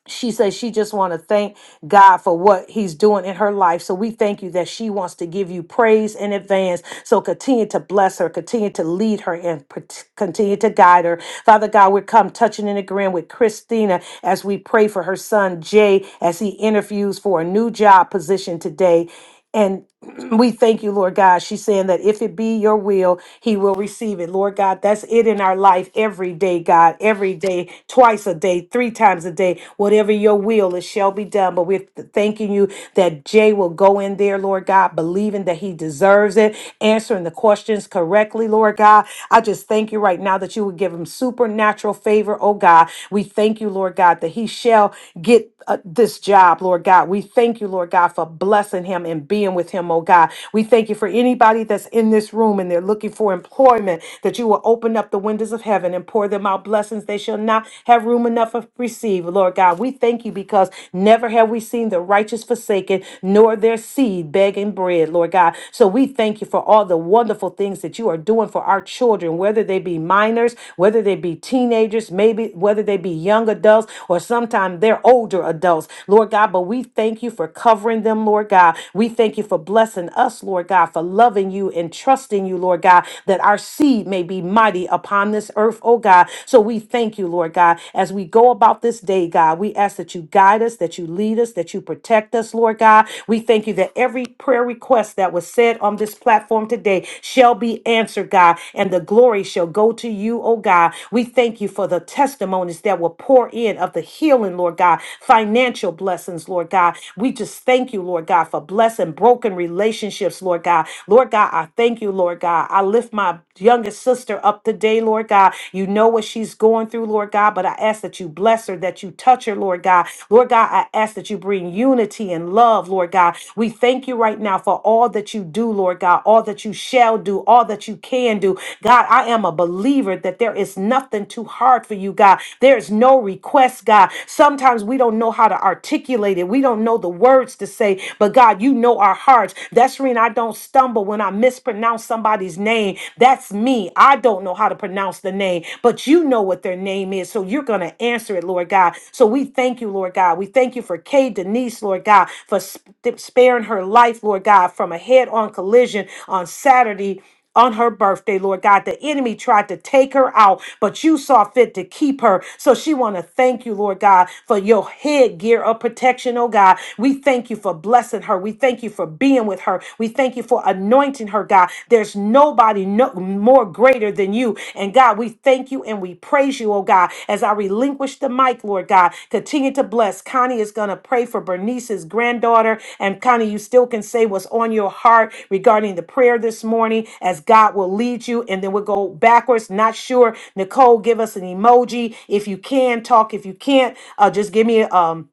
She says she just want to thank God for what he's doing in her life. So we thank you that she wants to give you praise in advance. So continue to bless her, continue to lead her and pr- continue to guide her. Father God, we come touching and agreeing with Christina as we pray for her son Jay as he interviews for a new job position today. And we thank you, Lord God. She's saying that if it be your will, he will receive it. Lord God, that's it in our life every day, God, every day, twice a day, three times a day, whatever your will, it shall be done. But we're th- thanking you that Jay will go in there, Lord God, believing that he deserves it, answering the questions correctly, Lord God. I just thank you right now that you would give him supernatural favor, oh God. We thank you, Lord God, that he shall get uh, this job, Lord God. We thank you, Lord God, for blessing blessing him and being with him, oh God. We thank you for anybody that's in this room and they're looking for employment, that you will open up the windows of heaven and pour them out blessings they shall not have room enough to receive, Lord God. We thank you because never have we seen the righteous forsaken, nor their seed begging bread, Lord God. So we thank you for all the wonderful things that you are doing for our children, whether they be minors, whether they be teenagers, maybe whether they be young adults, or sometimes they're older adults, Lord God. But we thank you for covering blessing them, Lord God. We thank you for blessing us, Lord God, for loving you and trusting you, Lord God, that our seed may be mighty upon this earth, oh God. So we thank you, Lord God, as we go about this day, God. We ask that you guide us, that you lead us, that you protect us, Lord God. We thank you that every prayer request that was said on this platform today shall be answered, God, and the glory shall go to you, oh God. We thank you for the testimonies that will pour in of the healing, Lord God, financial blessings, Lord God. We we just thank you, Lord God, for blessing broken relationships, Lord God. Lord God, I thank you, Lord God. I lift my youngest sister up today, Lord God. You know what she's going through, Lord God, but I ask that you bless her, that you touch her, Lord God. Lord God, I ask that you bring unity and love, Lord God. We thank you right now for all that you do, Lord God, all that you shall do, all that you can do. God, I am a believer that there is nothing too hard for you, God. There is no request, God. Sometimes we don't know how to articulate it. We we don't know the words to say, but God, you know our hearts. That's the reason I don't stumble when I mispronounce somebody's name. That's me. I don't know how to pronounce the name, but you know what their name is. So you're going to answer it, Lord God. So we thank you, Lord God. We thank you for Kay Denise, Lord God, for sp- sparing her life, Lord God, from a head on collision on Saturday on her birthday, Lord God. The enemy tried to take her out, but you saw fit to keep her. So she want to thank you, Lord God, for your headgear of protection, oh God. We thank you for blessing her. We thank you for being with her. We thank you for anointing her, God. There's nobody no, more greater than you. And God, we thank you and we praise praise you, oh God, as I relinquish the mic, Lord God. Continue to bless. Connie is going to pray for Bernice's granddaughter. And Connie, you still can say what's on your heart regarding the prayer this morning as God will lead you. And then we'll go backwards. Not sure. Nicole, give us an emoji if you can talk. If you can't, uh, just give me um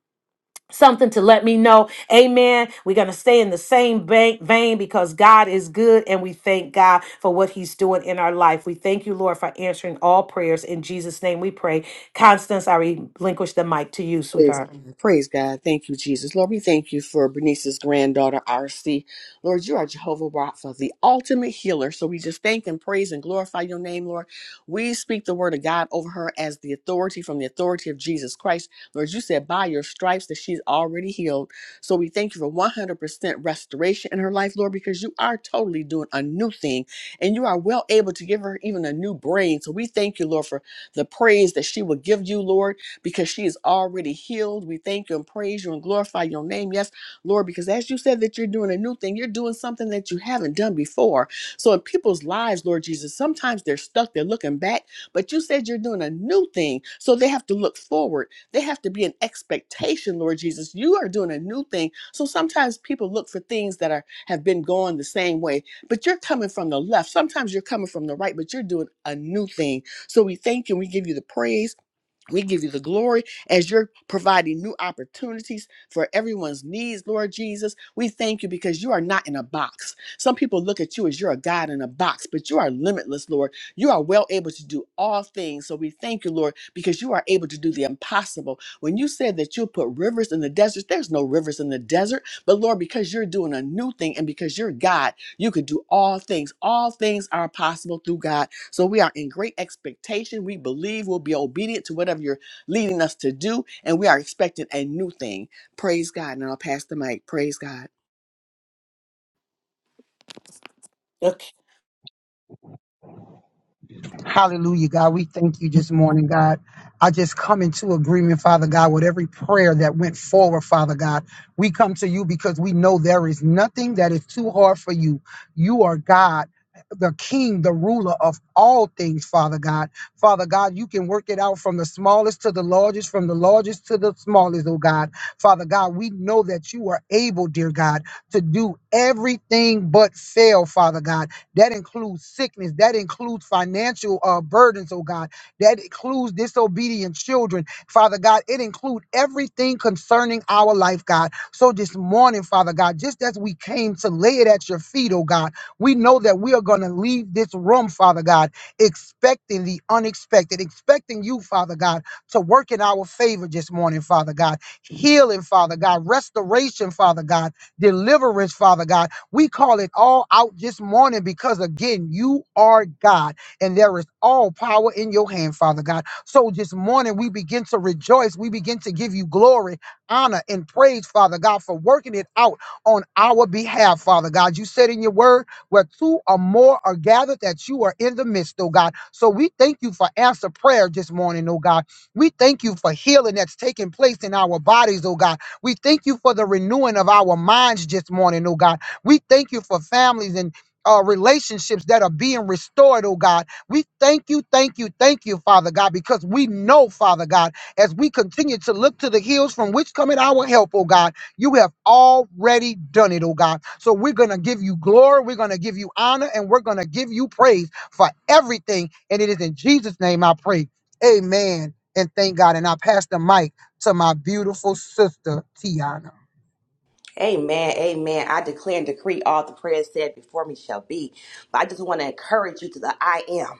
something to let me know. Amen. We're going to stay in the same bank vein because God is good and we thank God for what he's doing in our life. We thank you, Lord, for answering all prayers. In Jesus' name we pray. Constance, I relinquish the mic to you,
Praise God.
sweetheart.
Praise God. Thank you, Jesus. Lord, we thank you for Bernice's granddaughter, RC. Lord, you are Jehovah Rapha, the ultimate healer. So we just thank and praise and glorify your name, Lord. We speak the word of God over her as the authority from the authority of Jesus Christ. Lord, you said by your stripes that she's already healed. So we thank you for 100% restoration in her life, Lord, because you are totally doing a new thing and you are well able to give her even a new brain. So we thank you, Lord, for the praise that she will give you, Lord because she is already healed. We thank you and praise you and glorify your name. Yes, Lord, because as you said that you're doing a new thing, you're doing something that you haven't done before. So in people's lives, Lord Jesus, sometimes they're stuck, they're looking back, but you said you're doing a new thing. So they have to look forward. They have to be an expectation, Lord Jesus. You are doing a new thing. So sometimes people look for things that are have been going the same way, but you're coming from the left. Sometimes you're coming from the right, but you're doing a new thing. So we thank you and we give you the praise. We give you the glory as you're providing new opportunities for everyone's needs, Lord Jesus. We thank you because you are not in a box. Some people look at you as you're a God in a box, but you are limitless, Lord. You are well able to do all things. So we thank you, Lord, because you are able to do the impossible. When you said that you'll put rivers in the desert, there's no rivers in the desert. But Lord, because you're doing a new thing and because you're God, you can do all things. All things are possible through God so we are in great expectation. We believe we'll be obedient to whatever you're leading us to do, and we are expecting a new thing. Praise God. And I'll pass the mic. Praise God.
Okay.
Hallelujah, God. We thank you this morning, God. I just come into agreement, Father God, with every prayer that went forward, Father God. We come to you because we know there is nothing that is too hard for you. You are God. The king, the ruler of all things, Father God. Father God, you can work it out from the smallest to the largest, from the largest to the smallest, oh God. Father God, we know that you are able, dear God, to do everything Father God. That includes sickness. That includes financial uh, burdens, oh God. That includes disobedient children, Father God. It includes everything concerning our life, God. So this morning, Father God, just as we came to lay it at your feet, oh God, we know that we are going to leave this room, Father God, expecting the unexpected, expecting you, Father God, to work in our favor this morning, Father God. Healing, Father God. Restoration, Father God. Deliverance, Father God we call it all out this morning because, again, you are God and there is all power in your hand, Father God. So this morning we begin to rejoice. We begin to give you glory, honor, and praise, Father God, for working it out on our behalf, Father God. You said in your word, where two or more are gathered, that you are in the midst, oh God. So we thank you for answer prayer this morning, oh God. We thank you for healing that's taking place in our bodies, oh God. We thank you for the renewing of our minds this morning, oh God. We thank you for families and uh, relationships that are being restored, oh God. We thank you, thank you, thank you, Father God, because we know, Father God, as we continue to look to the hills from which cometh our help, oh God, you have already done it, oh God. So we're going to give you glory, we're going to give you honor, and we're going to give you praise for everything. And it is in Jesus' name I pray. Amen. And thank God. And I pass the mic to my beautiful sister, Tiana.
Amen. Amen. I declare and decree all the prayers said before me shall be. But I just want to encourage you to the I am.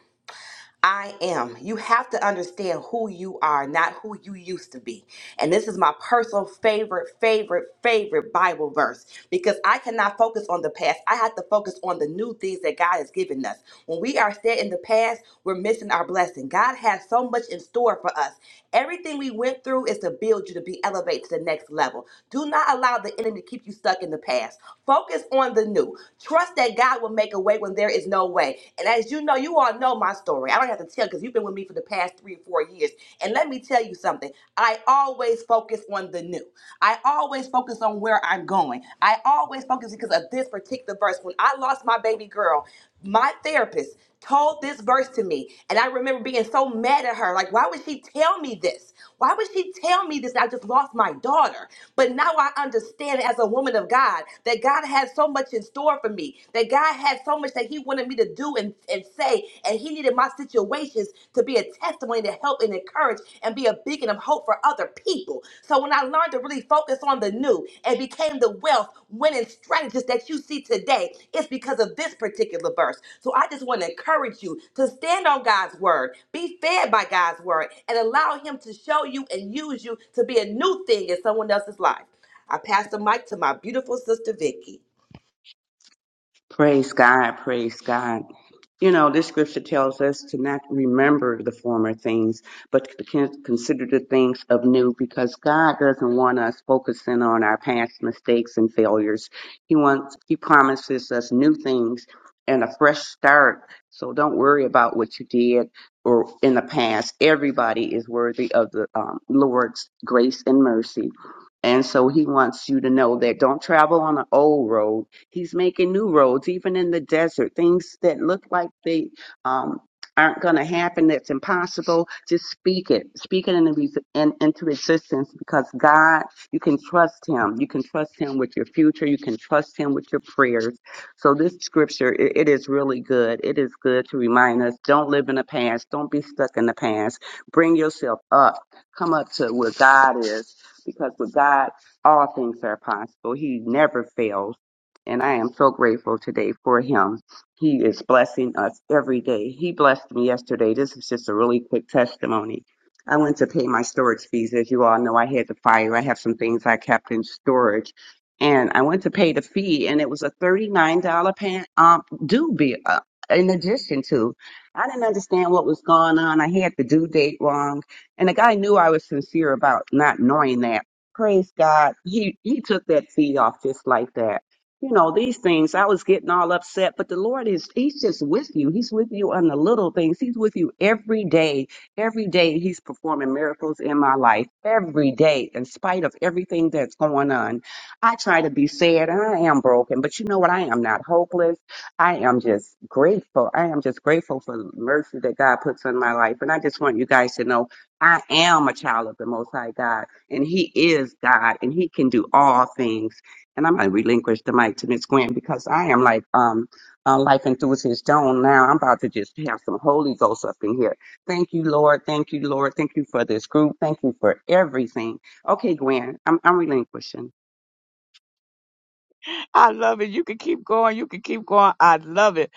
I am. You have to understand who you are, not who you used to be. And this is my personal favorite, favorite, favorite Bible verse because I cannot focus on the past. I have to focus on the new things that God has given us. When we are set in the past, we're missing our blessing. God has so much in store for us. Everything we went through is to build you to be elevated to the next level. Do not allow the enemy to keep you stuck in the past. Focus on the new. Trust that God will make a way when there is no way. And as you know, you all know my story. I don't have to tell because you've been with me for the past three or four years. And let me tell you something. I always focus on the new. I always focus on where I'm going. I always focus because of this particular verse. When I lost my baby girl, my therapist told this verse to me. And I remember being so mad at her. Like, why would she tell me this? Why would she tell me this? I just lost my daughter. But now I understand as a woman of God that God had so much in store for me, that God had so much that He wanted me to do and, and say, and He needed my situations to be a testimony to help and encourage and be a beacon of hope for other people. So when I learned to really focus, focus on the new and became the wealth winning strategist that you see today. It's because of this particular verse. So I just want to encourage you to stand on God's word, be fed by God's word, and allow Him to show you and use you to be a new thing in someone else's life. I pass the mic to my beautiful sister Vicky.
Praise God, praise God. You know, this scripture tells us to not remember the former things, but to con- consider the things of new because God doesn't want us focusing on our past mistakes and failures. He wants, He promises us new things and a fresh start. So don't worry about what you did or in the past. Everybody is worthy of the um, Lord's grace and mercy. And so He wants you to know that don't travel on an old road He's making new roads, even in the desert, things that look like they um, aren't going to happen, that's impossible. Just speak it. Speak it in, the, in, into existence because God, you can trust Him. You can trust Him with your future. You can trust Him with your prayers. So, this scripture, it, it is really good. It is good to remind us don't live in the past, don't be stuck in the past. Bring yourself up, come up to where God is because with God, all things are possible. He never fails and I am so grateful today for him. He is blessing us every day. He blessed me yesterday. This is just a really quick testimony. I went to pay my storage fees. As you all know, I had the fire. I have some things I kept in storage. And I went to pay the fee, and it was a $39 pan, um, due bill uh, in addition to. I didn't understand what was going on. I had the due date wrong. And the guy knew I was sincere about not knowing that. Praise God. He, he took that fee off just like that you know, these things. I was getting all upset, but the Lord is, He's just with you. He's with you on the little things. He's with you every day. Every day, He's performing miracles in my life. Every day, in spite of everything that's going on. I try to be sad and I am broken, but you know what? I am not hopeless. I am just grateful. I am just grateful for the mercy that God puts in my life. And I just want you guys to know I am a child of the Most High God, and He is God, and He can do all things. And I'm gonna relinquish the mic to Miss Gwen because I am like um uh, life enthusiast Joan now. I'm about to just have some Holy Ghost up in here. Thank you, Lord. Thank you, Lord. Thank you for this group. Thank you for everything. Okay, Gwen, I'm I'm relinquishing.
I love it. You can keep going. You can keep going. I love it.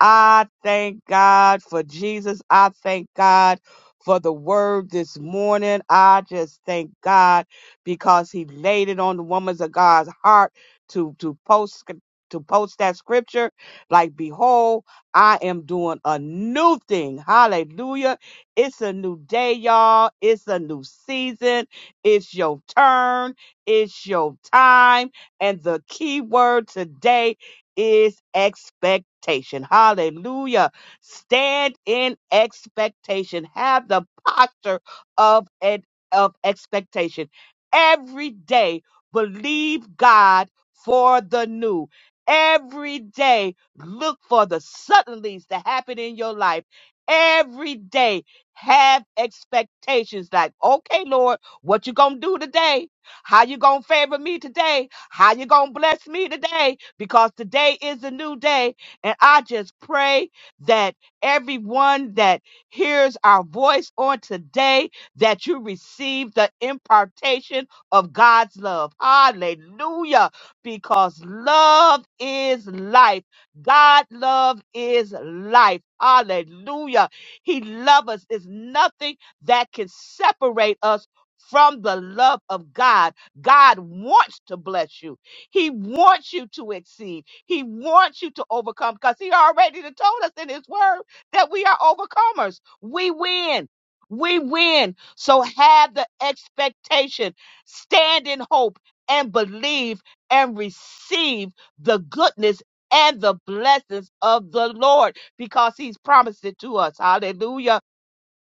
I thank God for Jesus. I thank God for the word this morning. I just thank God because he laid it on the woman's of God's heart to, to post to post that scripture. Like, behold, I am doing a new thing. Hallelujah. It's a new day, y'all. It's a new season. It's your turn. It's your time. And the key word today is expectation. Hallelujah. Stand in expectation. Have the posture of, an, of expectation. Every day, believe God for the new. Every day, look for the suddenlies to happen in your life. Every day, have expectations like, okay, Lord, what you gonna do today? How you gonna favor me today? How you gonna bless me today? because today is a new day. And I just pray that everyone that hears our voice on today, that you receive the impartation of God's love. Hallelujah. Because love is life. God love is life. Hallelujah. He loves us. There's nothing that can separate us from the love of God. God wants to bless you. He wants you to exceed. He wants you to overcome because he already done told us in his word that we are overcomers. We win. We win. So have the expectation, stand in hope and believe and receive the goodness and the blessings of the Lord because he's promised it to us. Hallelujah.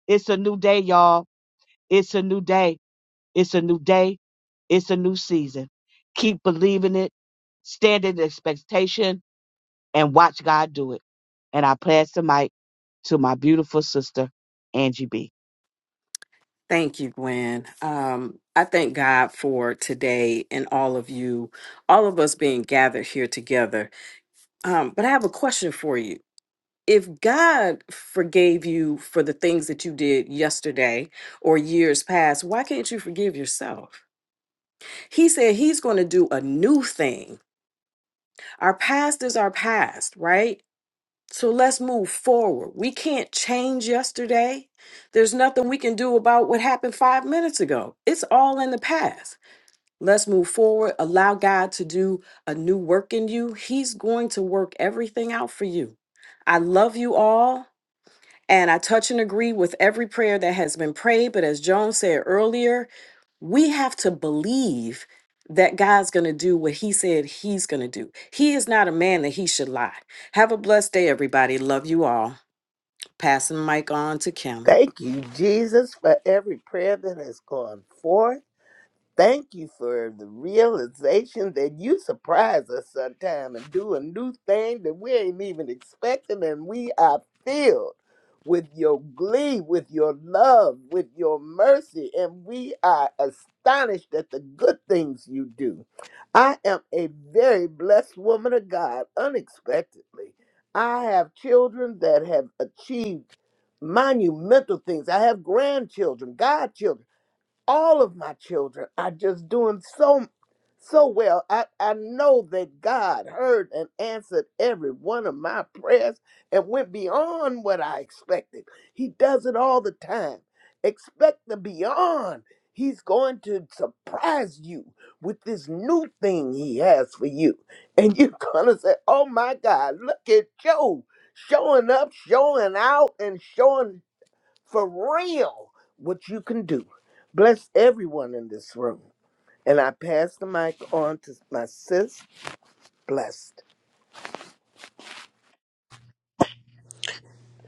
It's a new day, y'all. It's a new day. It's a new day. It's a new season. Keep believing it, stand in expectation, and watch God do it. And I pass the mic to my beautiful sister, Angie B.
Thank you, Gwen. Um, I thank God for today and all of you, all of us being gathered here together. Um, but I have a question for you. If God forgave you for the things that you did yesterday or years past, why can't you forgive yourself? He said He's going to do a new thing. Our past is our past, right? So let's move forward. We can't change yesterday. There's nothing we can do about what happened five minutes ago. It's all in the past. Let's move forward. Allow God to do a new work in you. He's going to work everything out for you. I love you all. And I touch and agree with every prayer that has been prayed. But as Joan said earlier, we have to believe that God's going to do what he said he's going to do. He is not a man that he should lie. Have a blessed day, everybody. Love you all. Passing the mic on to Kim.
Thank you, Jesus, for every prayer that has gone forth. Thank you for the realization that you surprise us sometime and do a new thing that we ain't even expecting, and we are filled with your glee, with your love, with your mercy, and we are astonished at the good things you do. I am a very blessed woman of God, unexpectedly. I have children that have achieved monumental things. I have grandchildren, godchildren all of my children are just doing so so well. I, I know that God heard and answered every one of my prayers and went beyond what I expected. He does it all the time. Expect the beyond. He's going to surprise you with this new thing he has for you. And you're gonna say, Oh my God, look at Joe showing up, showing out, and showing for real what you can do. Bless everyone in this room. And I pass the mic on to my sis, blessed.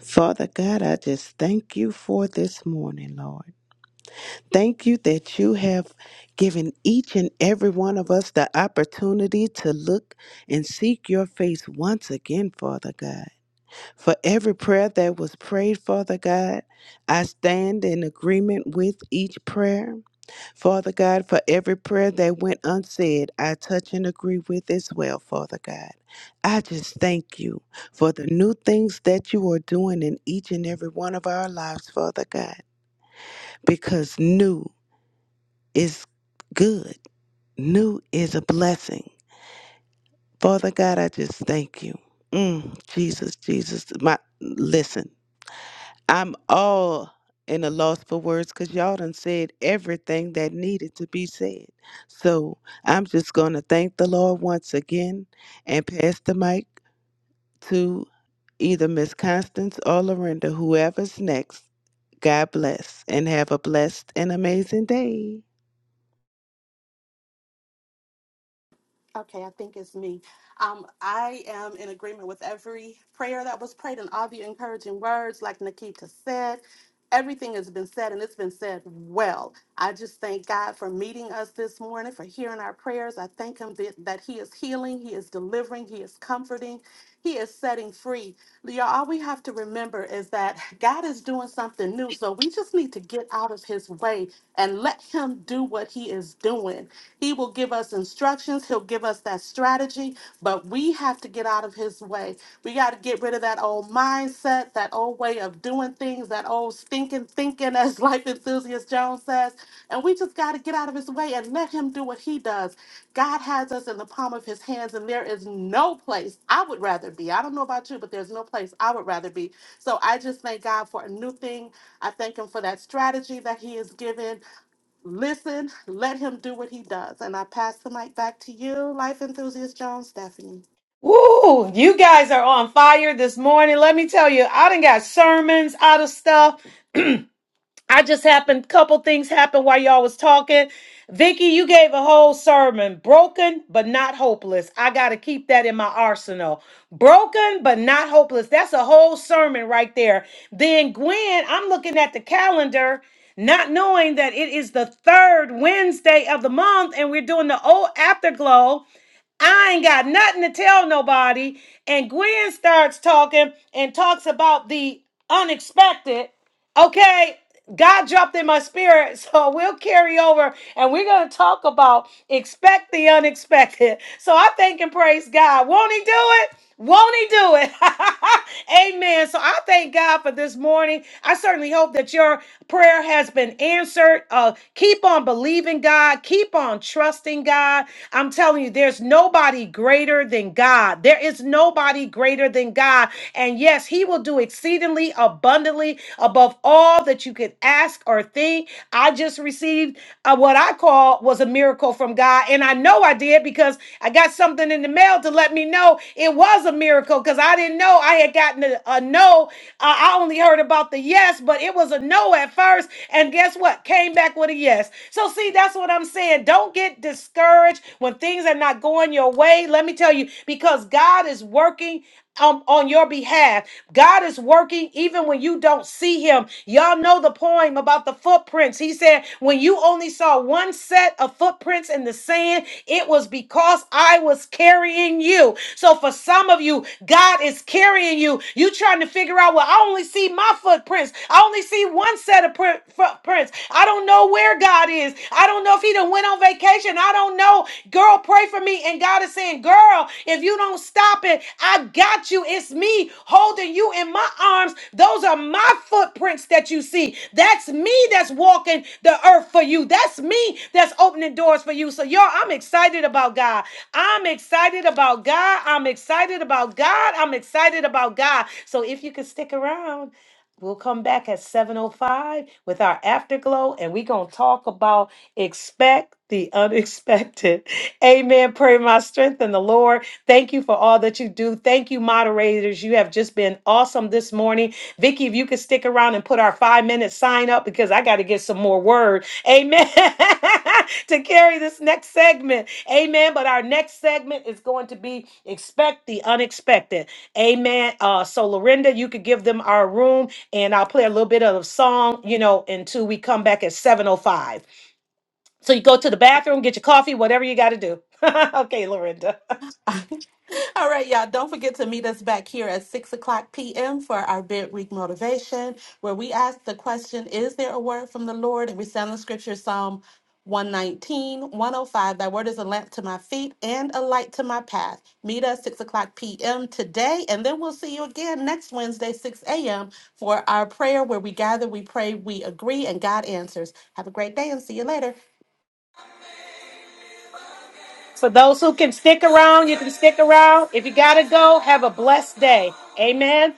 Father God, I just thank you for this morning, Lord. Thank you that you have given each and every one of us the opportunity to look and seek your face once again, Father God. For every prayer that was prayed, Father God, I stand in agreement with each prayer. Father God, for every prayer that went unsaid, I touch and agree with as well, Father God. I just thank you for the new things that you are doing in each and every one of our lives, Father God, because new is good. New is a blessing. Father God, I just thank you. Mm, Jesus, Jesus, my listen. I'm all in a loss for words because y'all done said everything that needed to be said. So I'm just gonna thank the Lord once again and pass the mic to either Miss Constance or Lorinda, whoever's next. God bless and have a blessed and amazing day.
Okay, I think it's me. Um, I am in agreement with every prayer that was prayed and all the encouraging words, like Nikita said. Everything has been said and it's been said well. I just thank God for meeting us this morning, for hearing our prayers. I thank Him that, that He is healing, He is delivering, He is comforting, He is setting free. Y'all, all we have to remember is that God is doing something new. So we just need to get out of His way and let Him do what He is doing. He will give us instructions, He'll give us that strategy, but we have to get out of His way. We got to get rid of that old mindset, that old way of doing things, that old stinking thinking, as Life Enthusiast Jones says. And we just got to get out of His way and let Him do what He does. God has us in the palm of His hands, and there is no place I would rather be. I don't know about you, but there's no place I would rather be. So I just thank God for a new thing. I thank Him for that strategy that He has given. Listen, let him do what he does. And I pass the mic back to you, life enthusiast Jones, Stephanie.
Woo! You guys are on fire this morning. Let me tell you, I done got sermons out of stuff. I just happened, couple things happened while y'all was talking. Vicky, you gave a whole sermon. Broken but not hopeless. I gotta keep that in my arsenal. Broken but not hopeless. That's a whole sermon right there. Then Gwen, I'm looking at the calendar, not knowing that it is the third Wednesday of the month, and we're doing the old afterglow. I ain't got nothing to tell nobody. And Gwen starts talking and talks about the unexpected. Okay, God dropped in my spirit, so we'll carry over and we're going to talk about expect the unexpected. So I thank and praise God. Won't He do it? Won't he do it? Amen. So I thank God for this morning. I certainly hope that your prayer has been answered. Uh, keep on believing God. Keep on trusting God. I'm telling you, there's nobody greater than God. There is nobody greater than God. And yes, He will do exceedingly abundantly above all that you could ask or think. I just received uh, what I call was a miracle from God. And I know I did because I got something in the mail to let me know it was a miracle because I didn't know I had gotten a, a no. Uh, I only heard about the yes, but it was a no at first. And guess what? Came back with a yes. So, see, that's what I'm saying. Don't get discouraged when things are not going your way. Let me tell you, because God is working um, on your behalf. God is working even when you don't see him. Y'all know the poem about the footprints. He said, When you only saw one set of footprints in the sand, it was because I was carrying you. So for some of you, God is carrying you. You trying to figure out, well, I only see my footprints. I only see one set of print- footprints. I don't know where God is. I don't know if he done went went on vacation. I don't know. Girl, pray for me. And God is saying, Girl, if you don't stop it, I got you. It's me holding you in my arms. Those are my footprints that you see. That's me that's walking the earth for you. That's me that's opening doors for you. So, y'all, I'm excited about God. I'm excited about God. I'm excited about God. I'm excited about God. So, if you could stick around, We'll come back at 7:05 with our afterglow and we're going to talk about Expect the unexpected. Amen. Pray my strength in the Lord. Thank you for all that you do. Thank you, moderators. You have just been awesome this morning. Vicky, if you could stick around and put our five minute sign up because I got to get some more word. Amen. to carry this next segment. Amen. But our next segment is going to be expect the unexpected. Amen. Uh, so Lorinda, you could give them our room and I'll play a little bit of a song, you know, until we come back at 705. So you go to the bathroom, get your coffee, whatever you got to do. okay, Lorinda.
All right, y'all. Don't forget to meet us back here at 6 o'clock p.m. for our Bid Week Motivation, where we ask the question, Is there a word from the Lord? And we sound the scripture, Psalm one nineteen, one o five. 105. Thy word is a lamp to my feet and a light to my path. Meet us 6 o'clock p.m. today, and then we'll see you again next Wednesday, 6 a.m., for our prayer where we gather, we pray, we agree, and God answers. Have a great day and see you later.
For those who can stick around, you can stick around. If you got to go, have a blessed day. Amen.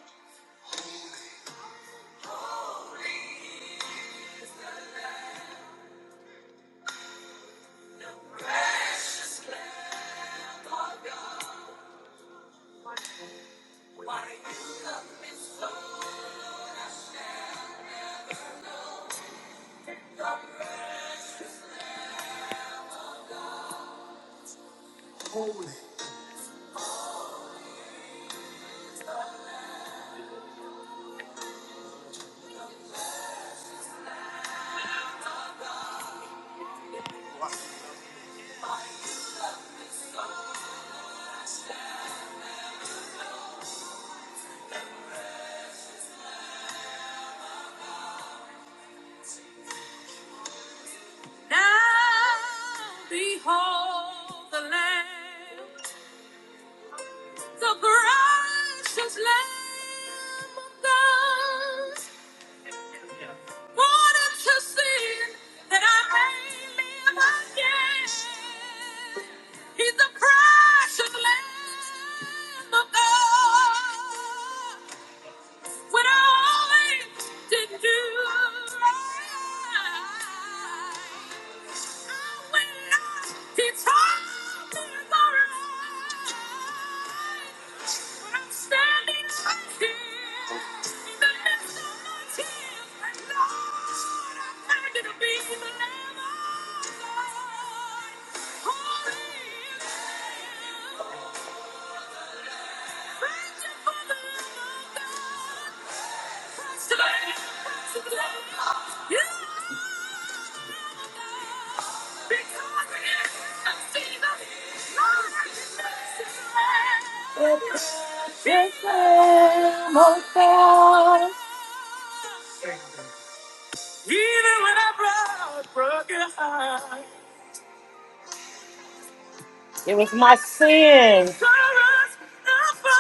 It was my sins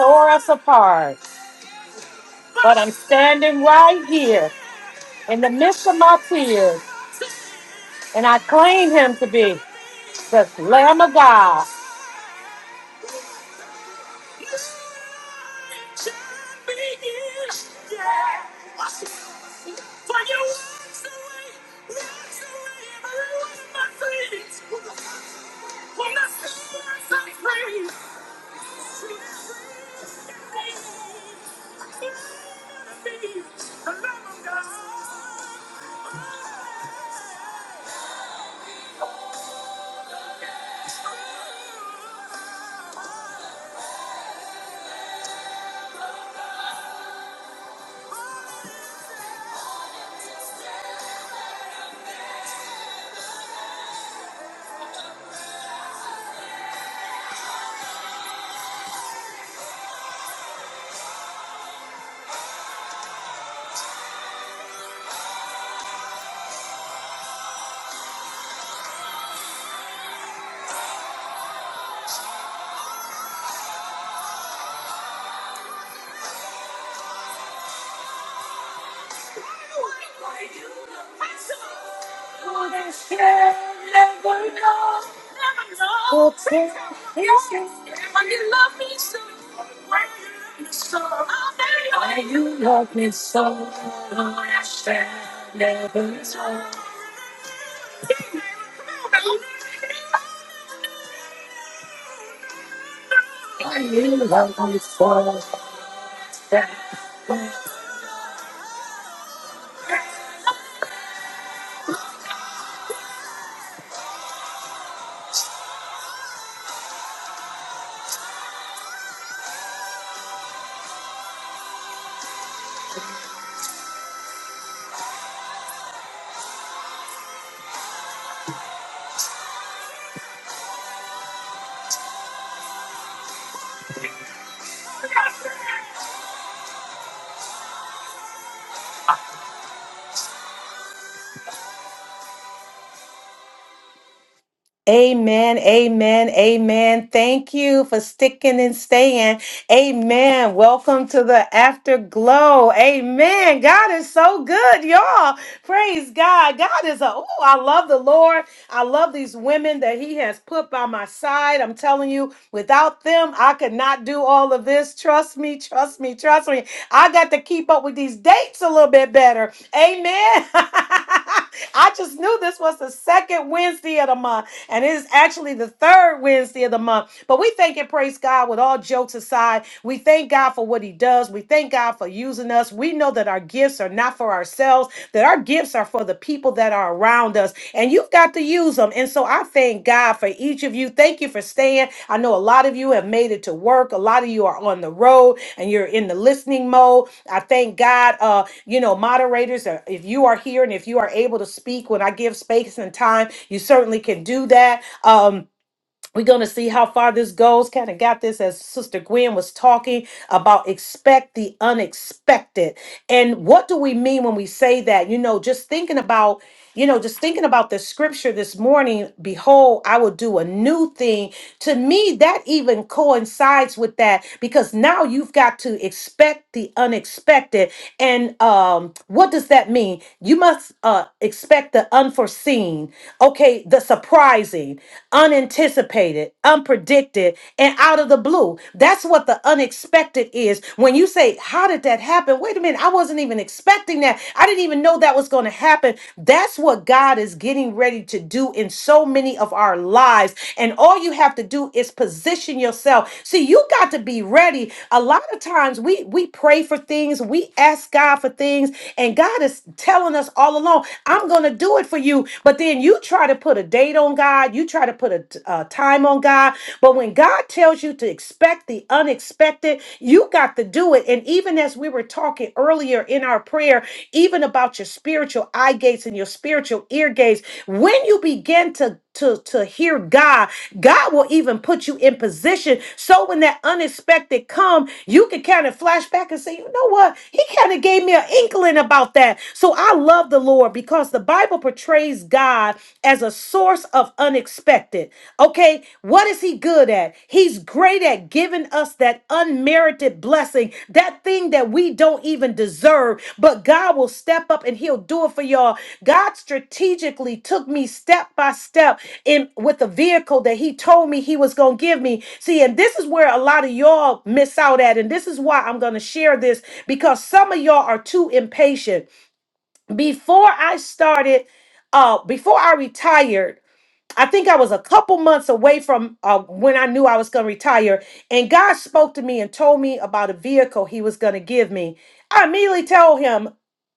tore us apart, but I'm standing right here in the midst of my tears, and I claim him to be the Lamb of God. Amen, amen, amen. Thank you for sticking and staying. Amen. Welcome to the afterglow. Amen. God is so good, y'all. Praise God. God is a, oh, I love the Lord. I love these women that he has put by my side. I'm telling you, without them, I could not do all of this. Trust me, trust me, trust me. I got to keep up with these dates a little bit better. Amen. I just knew this was the second Wednesday of the month, and it is actually the third Wednesday of the month. But we thank and praise God with all jokes aside. We thank God for what He does. We thank God for for using us. We know that our gifts are not for ourselves, that our gifts are for the people that are around us, and you've got to use them. And so I thank God for each of you. Thank you for staying. I know a lot of you have made it to work, a lot of you are on the road and you're in the listening mode. I thank God, uh, you know, moderators, uh, if you are here and if you are able to speak when I give space and time, you certainly can do that. Um, we're going to see how far this goes. Kind of got this as Sister Gwen was talking about expect the unexpected. And what do we mean when we say that? You know, just thinking about you know, just thinking about the scripture this morning, behold, I will do a new thing. To me, that even coincides with that because now you've got to expect the unexpected. And um, what does that mean? You must uh, expect the unforeseen, okay, the surprising, unanticipated, unpredicted, and out of the blue. That's what the unexpected is. When you say, How did that happen? happen. Wait a minute, I wasn't even expecting that. I didn't even know that was going to happen. That's what God is getting ready to do in so many of our lives. And all you have to do is position yourself. See, you got to be ready. A lot of times we we pray for things, we ask God for things, and God is telling us all along, I'm going to do it for you. But then you try to put a date on God, you try to put a, t- a time on God, but when God tells you teaches you to expect the unexpected. You got to do it. And even as we were talking earlier in our prayer, even about your spiritual eye gates and your spiritual ear gates, when you begin to to, to hear God, God will even put you in position. So when that unexpected come, you can kind of flash back and say, you know what? He kind of gave me an inkling about that. So I love the Lord because the Bible portrays God as a source of unexpected. Okay, what is he good at? He's great at giving us that unmerited blessing, that thing that we don't even deserve, but God will step up and he'll do it for y'all. God strategically took me step by step in with the vehicle that he told me he was going to give me. See, and this is where a lot of y'all miss out at and this is why I'm going to share this because some of y'all are too impatient. Before I started uh before I retired, I think I was a couple months away from uh, when I knew I was going to retire, and God spoke to me and told me about a vehicle He was going to give me. I immediately told Him,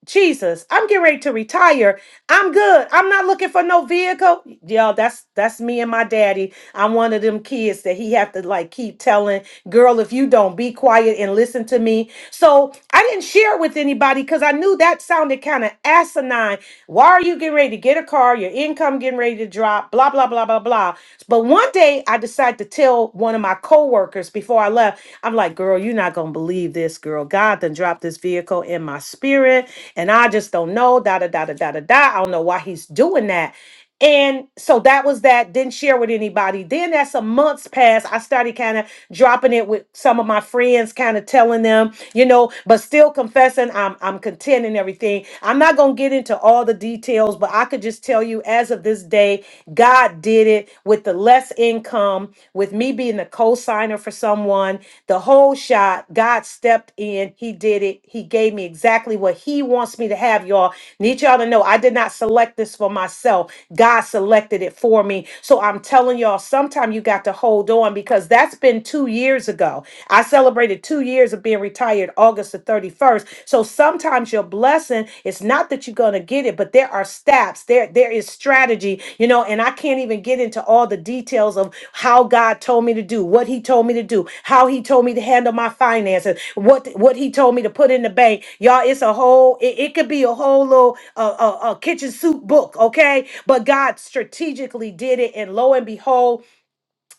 Jesus, I'm getting ready to retire. I'm good. I'm not looking for no vehicle. Yo, that's that's me and my daddy. I'm one of them kids that he have to like keep telling, girl, if you don't be quiet and listen to me. So I didn't share it with anybody because I knew that sounded kind of asinine why are you getting ready to get a car? Your income getting ready to drop, blah, blah, blah, blah, blah. But one day I decided to tell one of my coworkers before I left, I'm like, girl, you're not gonna believe this, girl. God done dropped this vehicle in my spirit, and I just don't know, da da da da da da da. I don't know why he's doing that. And so that was that. Didn't share with anybody. Then as some months passed, I started kind of dropping it with some of my friends, kind of telling them, you know, but still confessing I'm I'm content and everything. I'm not gonna get into all the details, but I could just tell you as of this day, God did it with the less income, with me being a co-signer for someone on the whole shot. God stepped in. He did it. He gave me exactly what He wants me to have, y'all. Need y'all to know I did not select this for myself. God selected it for me. So I'm telling y'all, sometime you got to hold on because that's been two years ago. I celebrated two years of being retired August the 31st. So sometimes your blessing is not not that you're going to get it but there are steps there there is strategy you know and i can't even get into all the details of how god told me to do what he told me to do how he told me to handle my finances what what he told me to put in the bank y'all it's a whole it, it could be a whole little uh, uh, uh, kitchen soup book okay but god strategically did it and lo and behold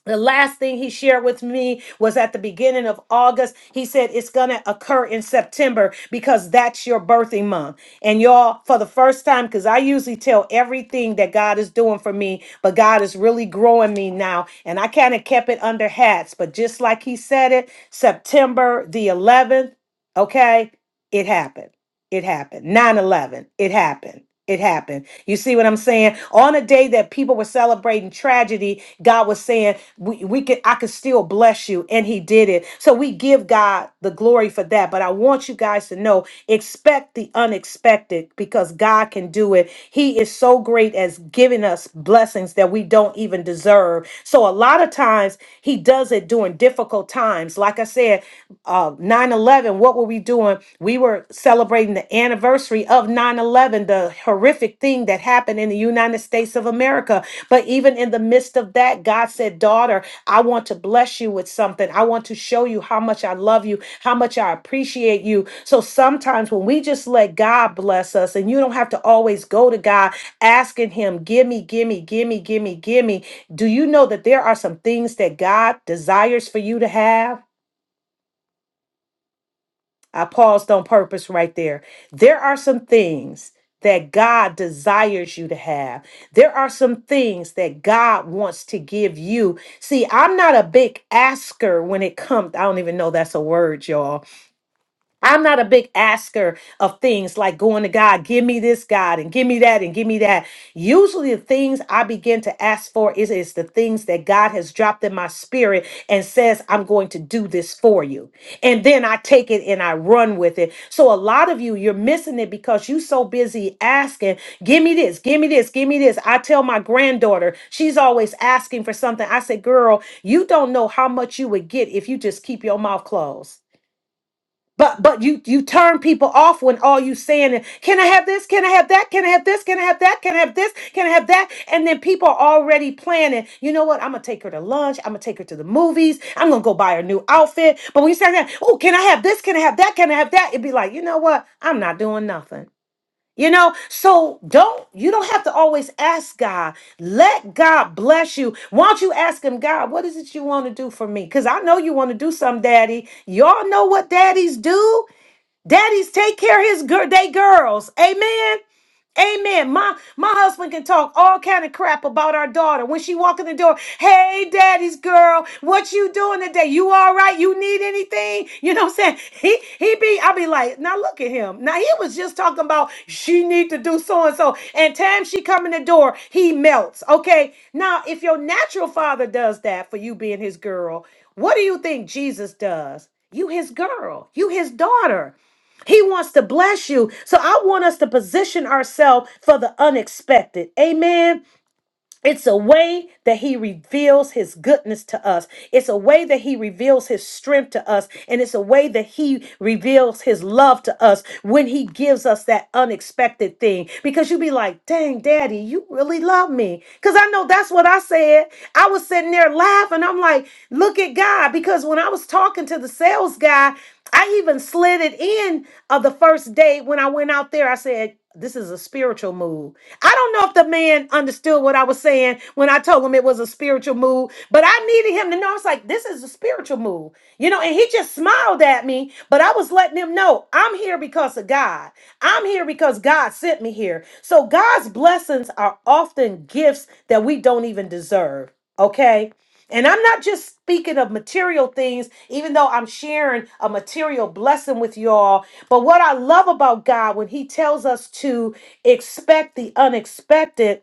the last thing he shared with me was at the beginning of August. He said it's going to occur in September because that's your birthing month. And y'all, for the first time, because I usually tell everything that God is doing for me, but God is really growing me now. And I kind of kept it under hats. But just like he said it, September the 11th, okay, it happened. It happened. 9 11, it happened it happened. You see what I'm saying? On a day that people were celebrating tragedy, God was saying, "We, we could, I could still bless you," and He did it. So we give God the glory for that. But I want you guys to know, expect the unexpected because God can do it. He is so great as giving us blessings that we don't even deserve. So a lot of times He does it during difficult times. Like I said, uh, 9/11. What were we doing? We were celebrating the anniversary of 9 eleven. 9-11 the horrific thing that happened in the united states of america but even in the midst of that god said daughter i want to bless you with something i want to show you how much i love you how much i appreciate you so sometimes when we just let god bless us and you don't have to always go to god asking him gimme gimme gimme gimme gimme do you know that there are some things that god desires for you to have I paused on purpose right there. There are some things that God desires you to have. There are some things that God wants to give you. See, I'm not a big asker when it comes. I don't even know that's a word, y'all. I'm not a big asker of things like going to God, give me this God and give me that and give me that. Usually the things I begin to ask for is, is the things that God has dropped in my spirit and says, I'm going to do this for you. And then I take it and I run with it. So a lot of you, you're missing it because you are so busy asking, give me this, give me this, give me this. I tell my granddaughter, she's always asking for something. I say, girl, you don't know how much you would get if you just keep your mouth closed. But but you you turn people off when all you saying is, "Can I have this? Can I have that? Can I have this? Can I have that? Can I have this? Can I have that?" And then people are already planning. You know what? I'm gonna take her to lunch. I'm gonna take her to the movies. I'm gonna go buy her new outfit. But when you say that, "Oh, can I have this? Can I have that? Can I have that?" It'd be like, you know what? I'm not doing nothing. You know, so don't you don't have to always ask God. Let God bless you. Why don't you ask him, God, what is it you want to do for me? Because I know you want to do something, Daddy. Y'all know what daddies do. Daddies take care of his girl, they girls. Amen. Amen. My my husband can talk all kind of crap about our daughter when she walk in the door. Hey, daddy's girl, what you doing today? You all right? You need anything? You know what I'm saying? He he be I be like, now look at him. Now he was just talking about she need to do so and so, and time she come in the door, he melts. Okay. Now if your natural father does that for you being his girl, what do you think Jesus does? You his girl. You his daughter. He wants to bless you. So I want us to position ourselves for the unexpected. Amen. It's a way that he reveals his goodness to us. It's a way that he reveals his strength to us. And it's a way that he reveals his love to us when he gives us that unexpected thing. Because you be like, dang, daddy, you really love me. Because I know that's what I said. I was sitting there laughing. I'm like, look at God. Because when I was talking to the sales guy, I even slid it in of the first day when I went out there. I said, this is a spiritual move. I don't know if the man understood what I was saying when I told him it was a spiritual move, but I needed him to know. I was like, this is a spiritual move, you know, and he just smiled at me, but I was letting him know I'm here because of God. I'm here because God sent me here. So God's blessings are often gifts that we don't even deserve. Okay. And I'm not just speaking of material things, even though I'm sharing a material blessing with y'all. But what I love about God when He tells us to expect the unexpected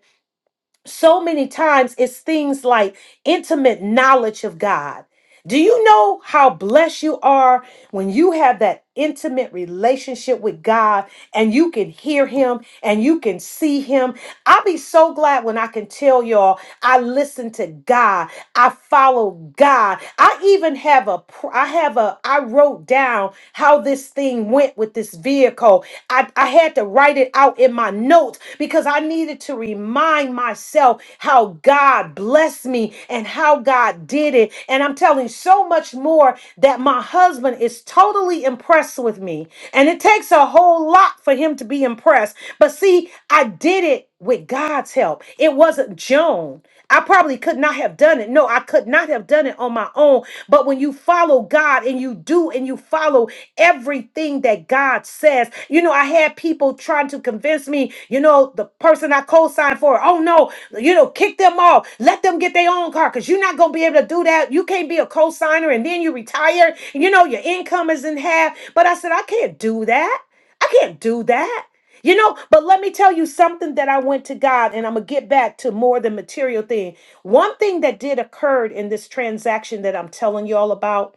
so many times it's things like intimate knowledge of God. Do you know how blessed you are when you have that intimate relationship with God and you can hear Him and you can see Him? I'll be so glad when I can tell y'all I listen to God, I follow God. I even have a, pr- I have a, I wrote down how this thing went with this vehicle. I, I had to write it out in my notes because I needed to remind myself how God blessed me and how God did it. And I'm telling you so much more that my husband is totally impressed with me. And it takes a whole lot for him to be impressed. But see, I did it with God's help. It wasn't Joan. I probably could not have done it. No, I could not have done it on my own. But when you follow God and you do and you follow everything that God says, you know, I had people trying to convince me, you know, the person I co signed for, oh no, you know, kick them off, let them get their own car because you're not going to be able to do that. You can't be a co signer and then you retire, and you know, your income is in half. But I said, I can't do that. I can't do that. You know, but let me tell you something that I went to God, and I'm gonna get back to more the material thing. One thing that did occurred in this transaction that I'm telling you all about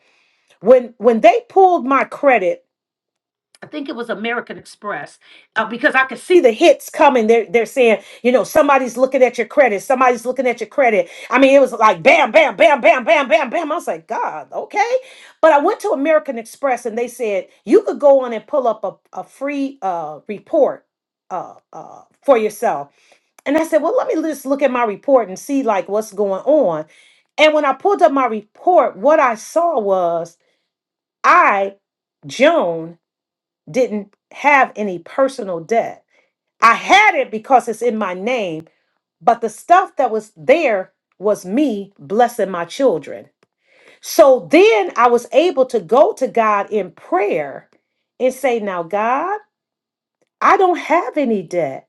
when when they pulled my credit I think it was American Express uh, because I could see the hits coming. They're they're saying, you know, somebody's looking at your credit, somebody's looking at your credit. I mean, it was like bam, bam, bam, bam, bam, bam, bam. I was like, God, okay. But I went to American Express and they said you could go on and pull up a, a free uh, report uh, uh, for yourself. And I said, well, let me just look at my report and see like what's going on. And when I pulled up my report, what I saw was I, Joan didn't have any personal debt. I had it because it's in my name, but the stuff that was there was me blessing my children. So then I was able to go to God in prayer and say, Now, God, I don't have any debt.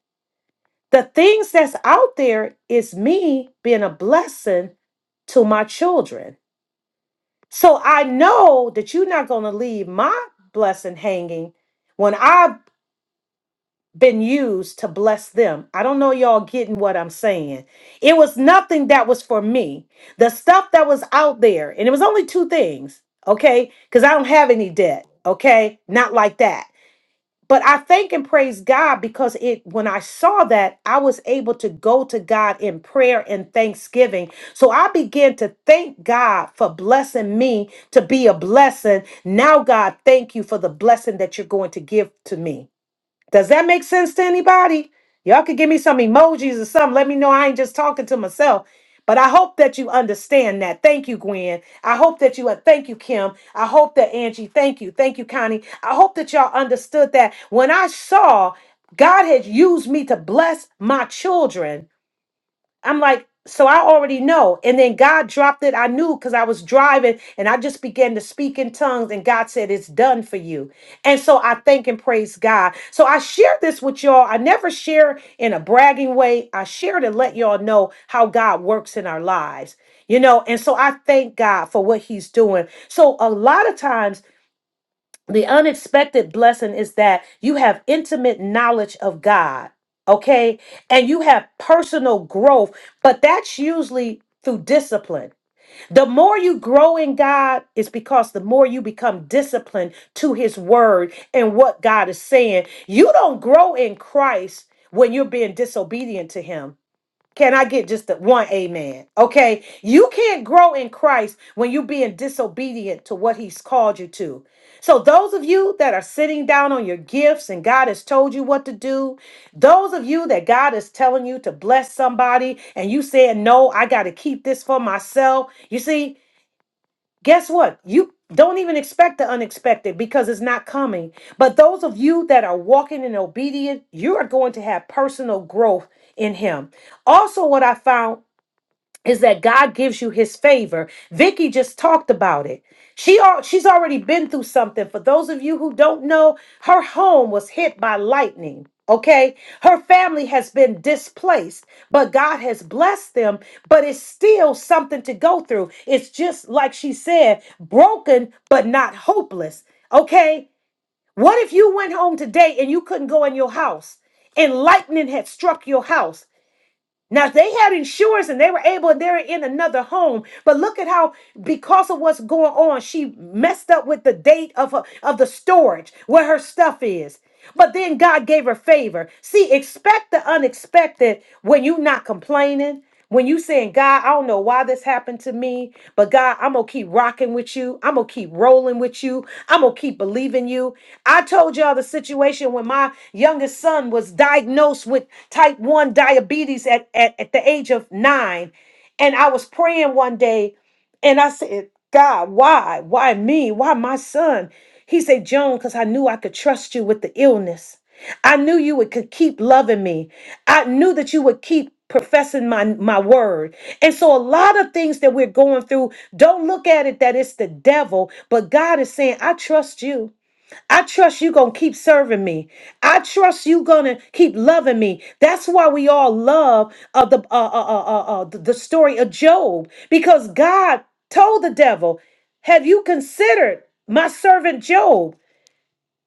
The things that's out there is me being a blessing to my children. So I know that you're not going to leave my blessing hanging when I been used to bless them. I don't know y'all getting what I'm saying. It was nothing that was for me. The stuff that was out there, and it was only two things, okay? Because I don't have any debt, okay? Not like that. But I thank and praise God because it when I saw that, I was able to go to God in prayer and thanksgiving. So I began to thank God for blessing me to be a blessing. Now, God, thank you for the blessing that you're going to give to me. Does that make sense to anybody? Y'all could give me some emojis or something. Let me know I ain't just talking to myself. But I hope that you understand that. Thank you, Gwen. I hope that you, uh, thank you, Kim. I hope that Angie, thank you. Thank you, Connie. I hope that y'all understood that when I saw God had used me to bless my children, I'm like, so I already know. And then God dropped it. I knew because I was driving and I just began to speak in tongues, and God said, It's done for you. And so I thank and praise God. So I share this with y'all. I never share in a bragging way. I share to let y'all know how God works in our lives, you know. And so I thank God for what He's doing. So a lot of times, the unexpected blessing is that you have intimate knowledge of God, okay? And you have personal growth, but that's usually through discipline. The more you grow in God is because the more you become disciplined to his word and what God is saying. You don't grow in Christ when you're being disobedient to him. Can I get just a- one amen? Okay. You can't grow in Christ when you're being disobedient to what he's called you to. So, those of you that are sitting down on your gifts and God has told you what to do, those of you that God is telling you to bless somebody and you said, No, I got to keep this for myself. You see, guess what? You don't even expect the unexpected because it's not coming. But those of you that are walking in obedience, you are going to have personal growth in Him. Also, what I found is that God gives you his favor. Vicky just talked about it. She al- she's already been through something. For those of you who don't know, her home was hit by lightning. Okay? Her family has been displaced, but God has blessed them, but it's still something to go through. It's just like she said, broken but not hopeless. Okay? What if you went home today and you couldn't go in your house? and lightning had struck your house now, if they had insurance and they were able, and they're in another home. But look at how, because of what's going on, she messed up with the date of her, of the storage where her stuff is. But then God gave her favor. See, expect the unexpected when you're not complaining. When you saying, God, I don't know why this happened to me, but God, I'm gonna keep rocking with you. I'm gonna keep rolling with you. I'm gonna keep believing you. I told y'all the situation when my youngest son was diagnosed with type 1 diabetes at, at, at the age of nine. And I was praying one day and I said, God, why? Why me? Why my son? He said, Joan, because I knew I could trust you with the illness. I knew you would could keep loving me. I knew that you would keep professing my my word. And so a lot of things that we're going through, don't look at it that it's the devil, but God is saying, I trust you. I trust you going to keep serving me. I trust you going to keep loving me. That's why we all love uh, the uh, uh, uh, uh, uh, the the story of Job because God told the devil, "Have you considered my servant Job?"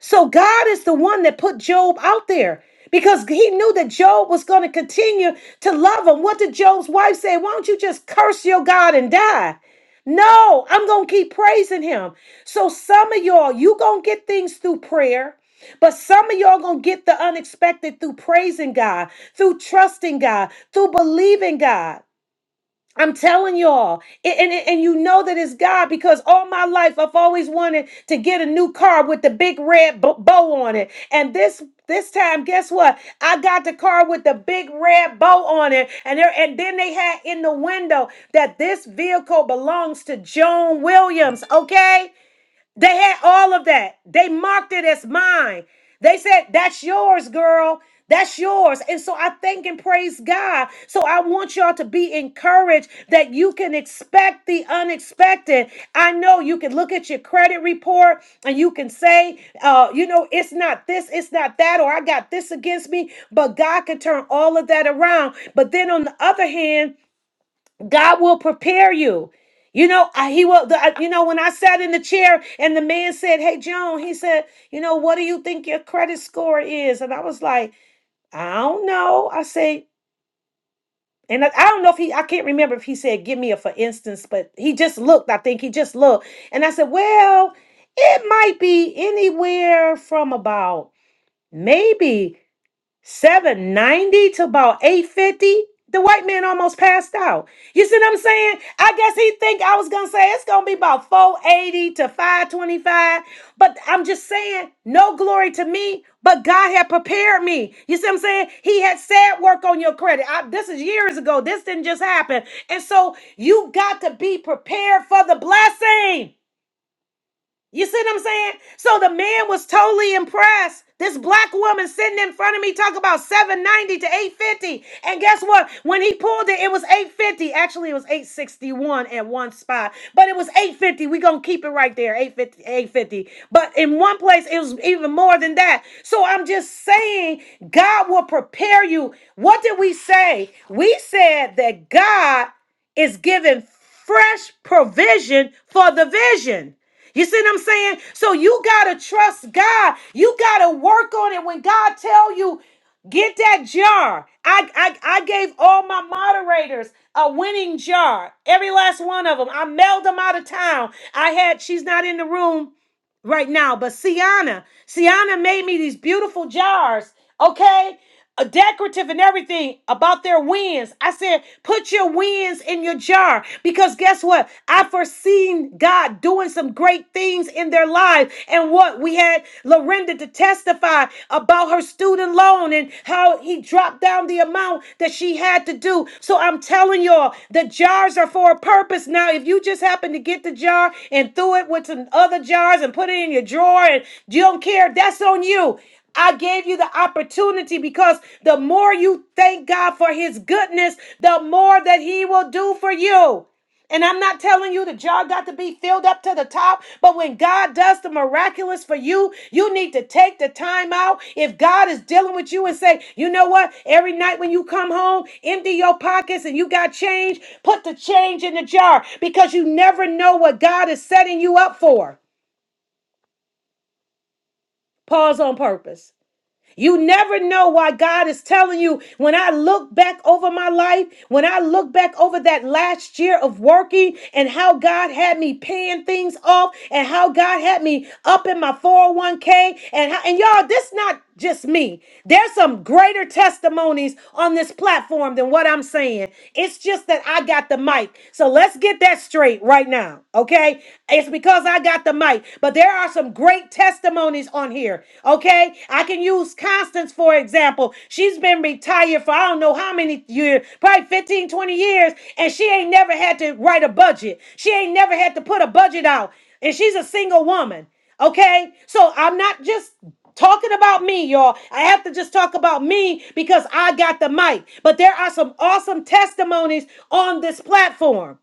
So God is the one that put Job out there because he knew that Job was going to continue to love him. What did Job's wife say? Why don't you just curse your God and die? No, I'm going to keep praising him. So some of y'all, you going to get things through prayer. But some of y'all gonna get the unexpected through praising God, through trusting God, through believing God. I'm telling y'all, and, and, and you know that it's God because all my life I've always wanted to get a new car with the big red bo- bow on it. And this this time, guess what? I got the car with the big red bow on it. And there, and then they had in the window that this vehicle belongs to Joan Williams. Okay. They had all of that. They marked it as mine. They said, That's yours, girl. That's yours. And so I thank and praise God. So I want y'all to be encouraged that you can expect the unexpected. I know you can look at your credit report and you can say, uh, you know, it's not this, it's not that, or I got this against me, but God can turn all of that around. But then on the other hand, God will prepare you. You know, I, he will. The, I- you know, when I sat in the chair and the man said, "Hey, Joan," he said, "You know, what do you think your credit score is?" And I was like, "I don't know." I say, and I, I don't know if he. I can't remember if he said, "Give me a for instance," but he just looked. I think he just looked, and I said, "Well, it might be anywhere from about." Maybe 790 to about 850 the white man almost passed out you see what i'm saying i guess he think i was gonna say it's gonna be about 480 to 525 but i'm just saying no glory to me but god had prepared me you see what i'm saying he had said work on your credit I- this is years ago this didn't just happen and so you got to be prepared for the blessing you see what I'm saying? So the man was totally impressed. This black woman sitting in front of me talk about 790 to 850. And guess what? When he pulled it, it was 850. Actually, it was 861 at one spot. But it was 850. we gonna keep it right there. 850, 850. But in one place, it was even more than that. So I'm just saying, God will prepare you. What did we say? We said that God is giving fresh provision for the vision. You see what I'm saying? So you gotta trust God. You gotta work on it. When God tell you, get that jar. I I, I gave all my moderators a winning jar. Every last one of them. I mailed them out of town. I had. She's not in the room right now, but Sienna. Sienna made me these beautiful jars. Okay, uh, decorative and everything about their wins. I said, put your wins in your jar because guess what? I foreseen God doing some great things in their life. And what we had Lorinda to testify about her student loan and how he dropped down the amount that she had to do. So I'm telling y'all, the jars are for a purpose. Now, if you just happen to get the jar and threw it with some other jars and put it in your drawer and you don't care, that's on you. I gave you the opportunity because the more you thank God for his goodness, the more that he will do for you. And I'm not telling you the jar got to be filled up to the top, but when God does the miraculous for you, you need to take the time out. If God is dealing with you and say, you know what, every night when you come home, empty your pockets and you got change, put the change in the jar because you never know what God is setting you up for. Pause on purpose. You never know why God is telling you. When I look back over my life, when I look back over that last year of working and how God had me paying things off and how God had me up in my 401k and how, and y'all, this not just me. There's some greater testimonies on this platform than what I'm saying. It's just that I got the mic. So let's get that straight right now, okay? It's because I got the mic. But there are some great testimonies on here. Okay. I can use Constance, for example. She's been retired for I don't know how many years, probably fifteen, twenty years, and she ain't never had to write a budget. She ain't never had to put a budget out. And she's a single woman. Okay. So I'm not just talking about me, y'all. I have to just talk about me because I got the mic. But there are some awesome testimonies on this platform.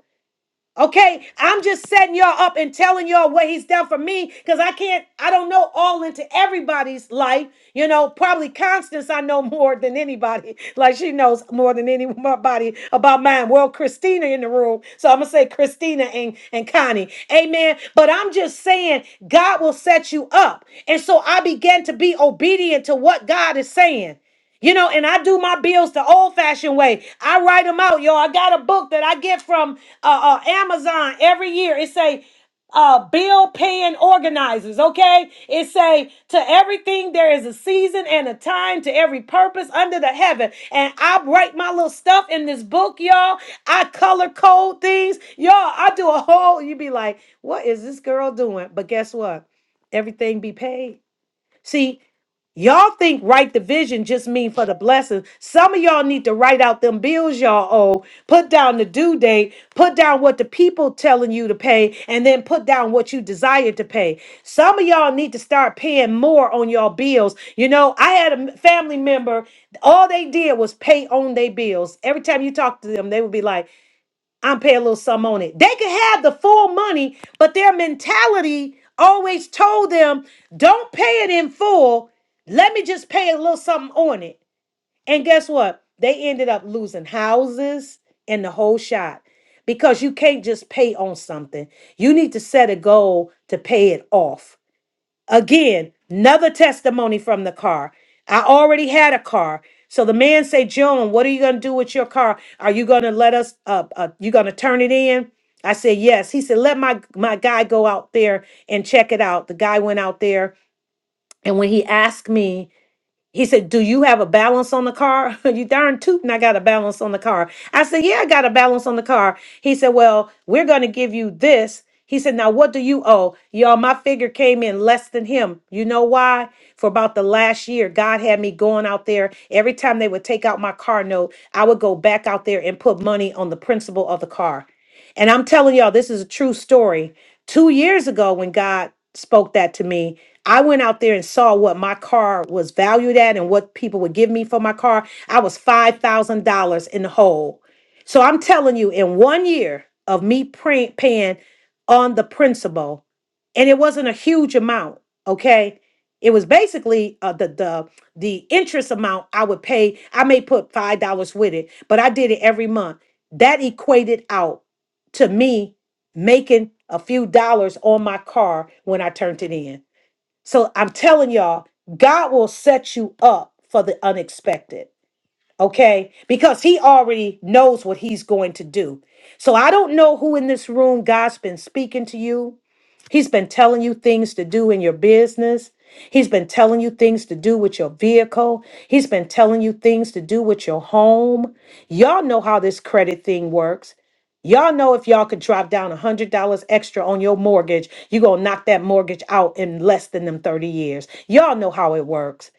Okay, I'm just setting y'all up and telling y'all what he's done for me because I can't, I don't know all into everybody's life. You know, probably Constance, I know more than anybody. Like she knows more than anybody about mine. Well, Christina in the room. So I'm going to say Christina and, and Connie. Amen. But I'm just saying, God will set you up. And so I began to be obedient to what God is saying. You know, and I do my bills the old fashioned way. I write them out, y'all. I got a book that I get from uh, uh, Amazon every year. It say uh, bill paying organizers. Okay, it say to everything there is a season and a time to every purpose under the heaven. And I write my little stuff in this book, y'all. I color code things, y'all. I do a whole. You be like, what is this girl doing? But guess what? Everything be paid. See. Y'all think right division just mean for the blessing. Some of y'all need to write out them bills y'all owe, put down the due date, put down what the people telling you to pay, and then put down what you desire to pay. Some of y'all need to start paying more on your bills. You know, I had a m- family member, all they did was pay on their bills. Every time you talk to them, they would be like, I'm paying a little sum on it. They could have the full money, but their mentality always told them, don't pay it in full. Let me just pay a little something on it. And guess what? They ended up losing houses and the whole shot because you can't just pay on something. You need to set a goal to pay it off. Again, another testimony from the car. I already had a car. So the man say, Joan, what are you going to do with your car? Are you going to let us, uh, uh, you going to turn it in? I said, yes. He said, let my, my guy go out there and check it out. The guy went out there. And when he asked me he said, Do you have a balance on the car? you darn tootin', I got a balance on the car. I said, Yeah, I got a balance on the car. He said, Well, we're going to give you this. He said, Now, what do you owe? Y'all, my figure came in less than him. You know why? For about the last year, God had me going out there. Every time they would take out my car note, I would go back out there and put money on the principal of the car. And I'm telling y'all, this is a true story. Two years ago, when God spoke that to me, I went out there and saw what my car was valued at and what people would give me for my car. I was $5,000 in the hole. So I'm telling you, in one year of me praying, paying on the principal, and it wasn't a huge amount, okay? It was basically uh, the the the interest amount I would pay. I may put five dollars with it, but I did it every month. That equated out to me making a few dollars on my car when I turned it in. So I'm telling y'all, God will set you up for the unexpected, okay? Because He already knows what He's going to do. So I don't know who in this room God's been speaking to you He's been telling you things to do in your business. He's been telling you things to do with your vehicle. He's been telling you things to do with your home. Y'all know how this credit thing works. Y'all know if y'all could drop down $100 extra on your mortgage, you're going to knock that mortgage out in less than them 30 years. Y'all know how it works.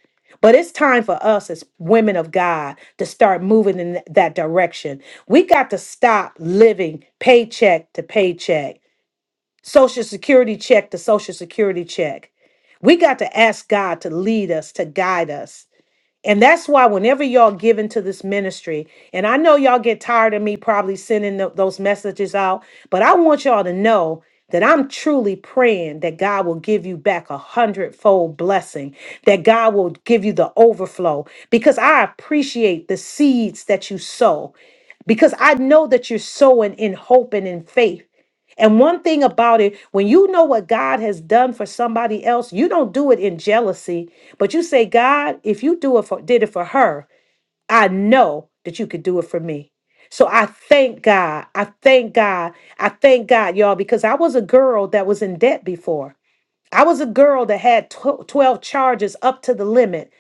But it's time for us as women of God to start moving in that direction. We got to stop living paycheck to paycheck. Social Security check to Social Security check. We got to ask God to lead us, to guide us. And that's why whenever y'all give into this ministry, and I know y'all get tired of me probably sending tho- those messages out, but I want y'all to know that I'm truly praying that God will give you back a hundredfold blessing, that God will give you the overflow, because I appreciate the seeds that you sow, because I know that you're sowing in hope and in faith. And one thing about it, when you know what God has done for somebody else, you don't do it in jealousy, but you say, God, if you do it for did it for her, I know that you could do it for me. So I thank God. I thank God. I thank God, y'all, because I was a girl that was in debt before. I was a girl that had tw- 12 charges up to the limit.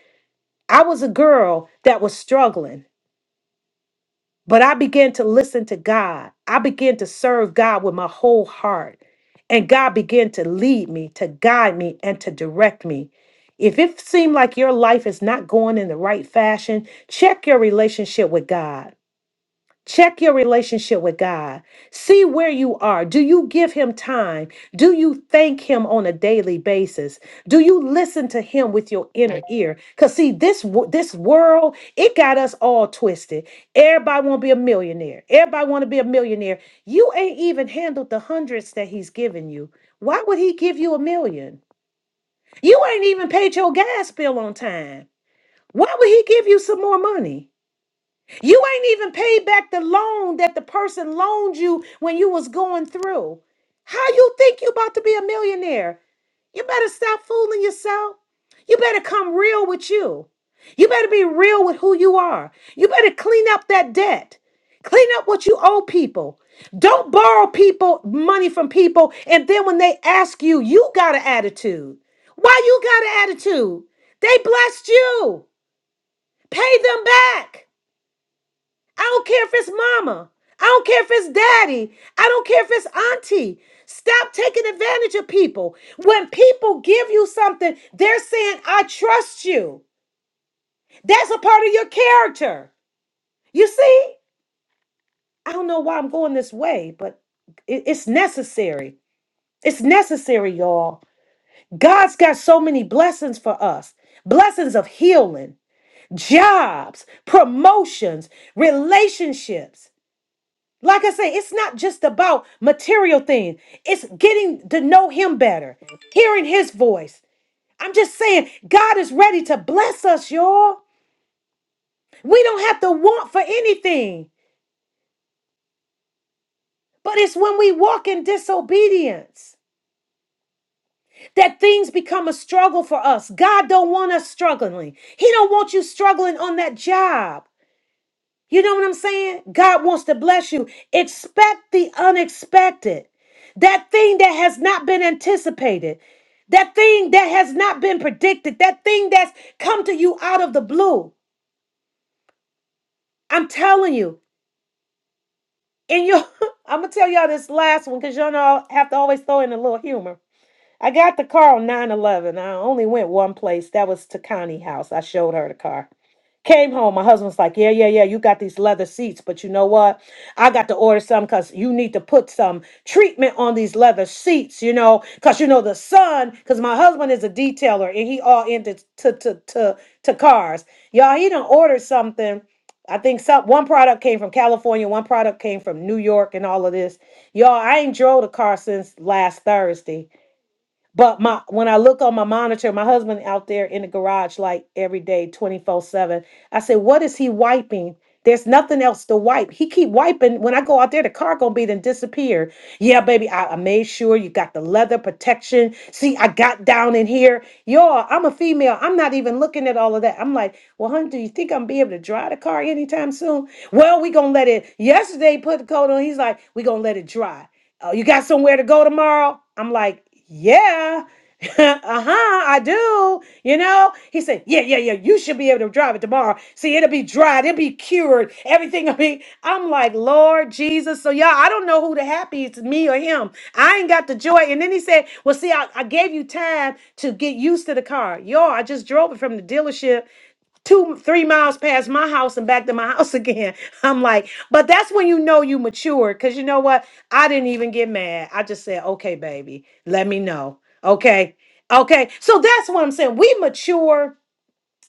I was a girl that was struggling. But I began to listen to God. I began to serve God with my whole heart. And God began to lead me, to guide me, and to direct me. If it seems like your life is not going in the right fashion, check your relationship with God. Check your relationship with God. See where you are. Do you give Him time? Do you thank Him on a daily basis? Do you listen to Him with your inner ear? Because, see, this, wo- this world, it got us all twisted. Everybody want to be a millionaire. Everybody want to be a millionaire. You ain't even handled the hundreds that He's given you. Why would He give you a million? You ain't even paid your gas bill on time. Why would He give you some more money? You ain't even paid back the loan that the person loaned you when you was going through. How you think you about to be a millionaire? You better stop fooling yourself. You better come real with you. You better be real with who you are. You better clean up that debt. Clean up what you owe people. Don't borrow people money from people and then when they ask you, you got an attitude. Why you got an attitude? They blessed you. Pay them back. I don't care if it's mama. I don't care if it's daddy. I don't care if it's auntie. Stop taking advantage of people. When people give you something, they're saying, I trust you. That's a part of your character. You see? I don't know why I'm going this way, but it- it's necessary. It's necessary, y'all. God's got so many blessings for us blessings of healing, jobs, promotions, relationships. Like I say, it's not just about material things. It's getting to know him better, hearing his voice. I'm just saying, God is ready to bless us, y'all. We don't have to want for anything. But it's when we walk in disobedience that things become a struggle for us. God don't want us struggling. He don't want you struggling on that job. You know what I'm saying? God wants to bless you. Expect the unexpected. That thing that has not been anticipated. That thing that has not been predicted. That thing that's come to you out of the blue. I'm telling you. And you I'm gonna tell y'all this last one because y'all know I have to always throw in a little humor. I got the car on 9 11. I only went one place. That was to Connie house. I showed her the car. Came home. My husband's like, Yeah, yeah, yeah. You got these leather seats, but you know what? I got to order some because you need to put some treatment on these leather seats, you know, because you know the sun, because my husband is a detailer and he all into to to to to cars. Y'all, he done ordered something. I think some one product came from California, one product came from New York and all of this. Y'all, I ain't drove the car since last Thursday. But my when I look on my monitor, my husband out there in the garage like every day, 24/7. I said, "What is he wiping?" There's nothing else to wipe. He keep wiping. When I go out there, the car gonna be then disappear. Yeah, baby, I, I made sure you got the leather protection. See, I got down in here. Y'all, I'm a female. I'm not even looking at all of that. I'm like, well, honey, do you think I'm be able to drive the car anytime soon? Well, we gonna let it. Yesterday, he put the coat on. He's like, we gonna let it dry oh, you got somewhere to go tomorrow? I'm like, yeah. uh-huh, I do. You know? He said, Yeah, yeah, yeah. You should be able to drive it tomorrow. See, it'll be dried, it'll be cured. Everything will be. I'm like, Lord Jesus. So y'all, I don't know who the happy is, me or him. I ain't got the joy. And then he said, Well, see, I, I gave you time to get used to the car. Y'all, I just drove it from the dealership two three miles past my house and back to my house again i'm like but that's when you know you mature because you know what i didn't even get mad i just said okay baby let me know okay okay so that's what i'm saying we mature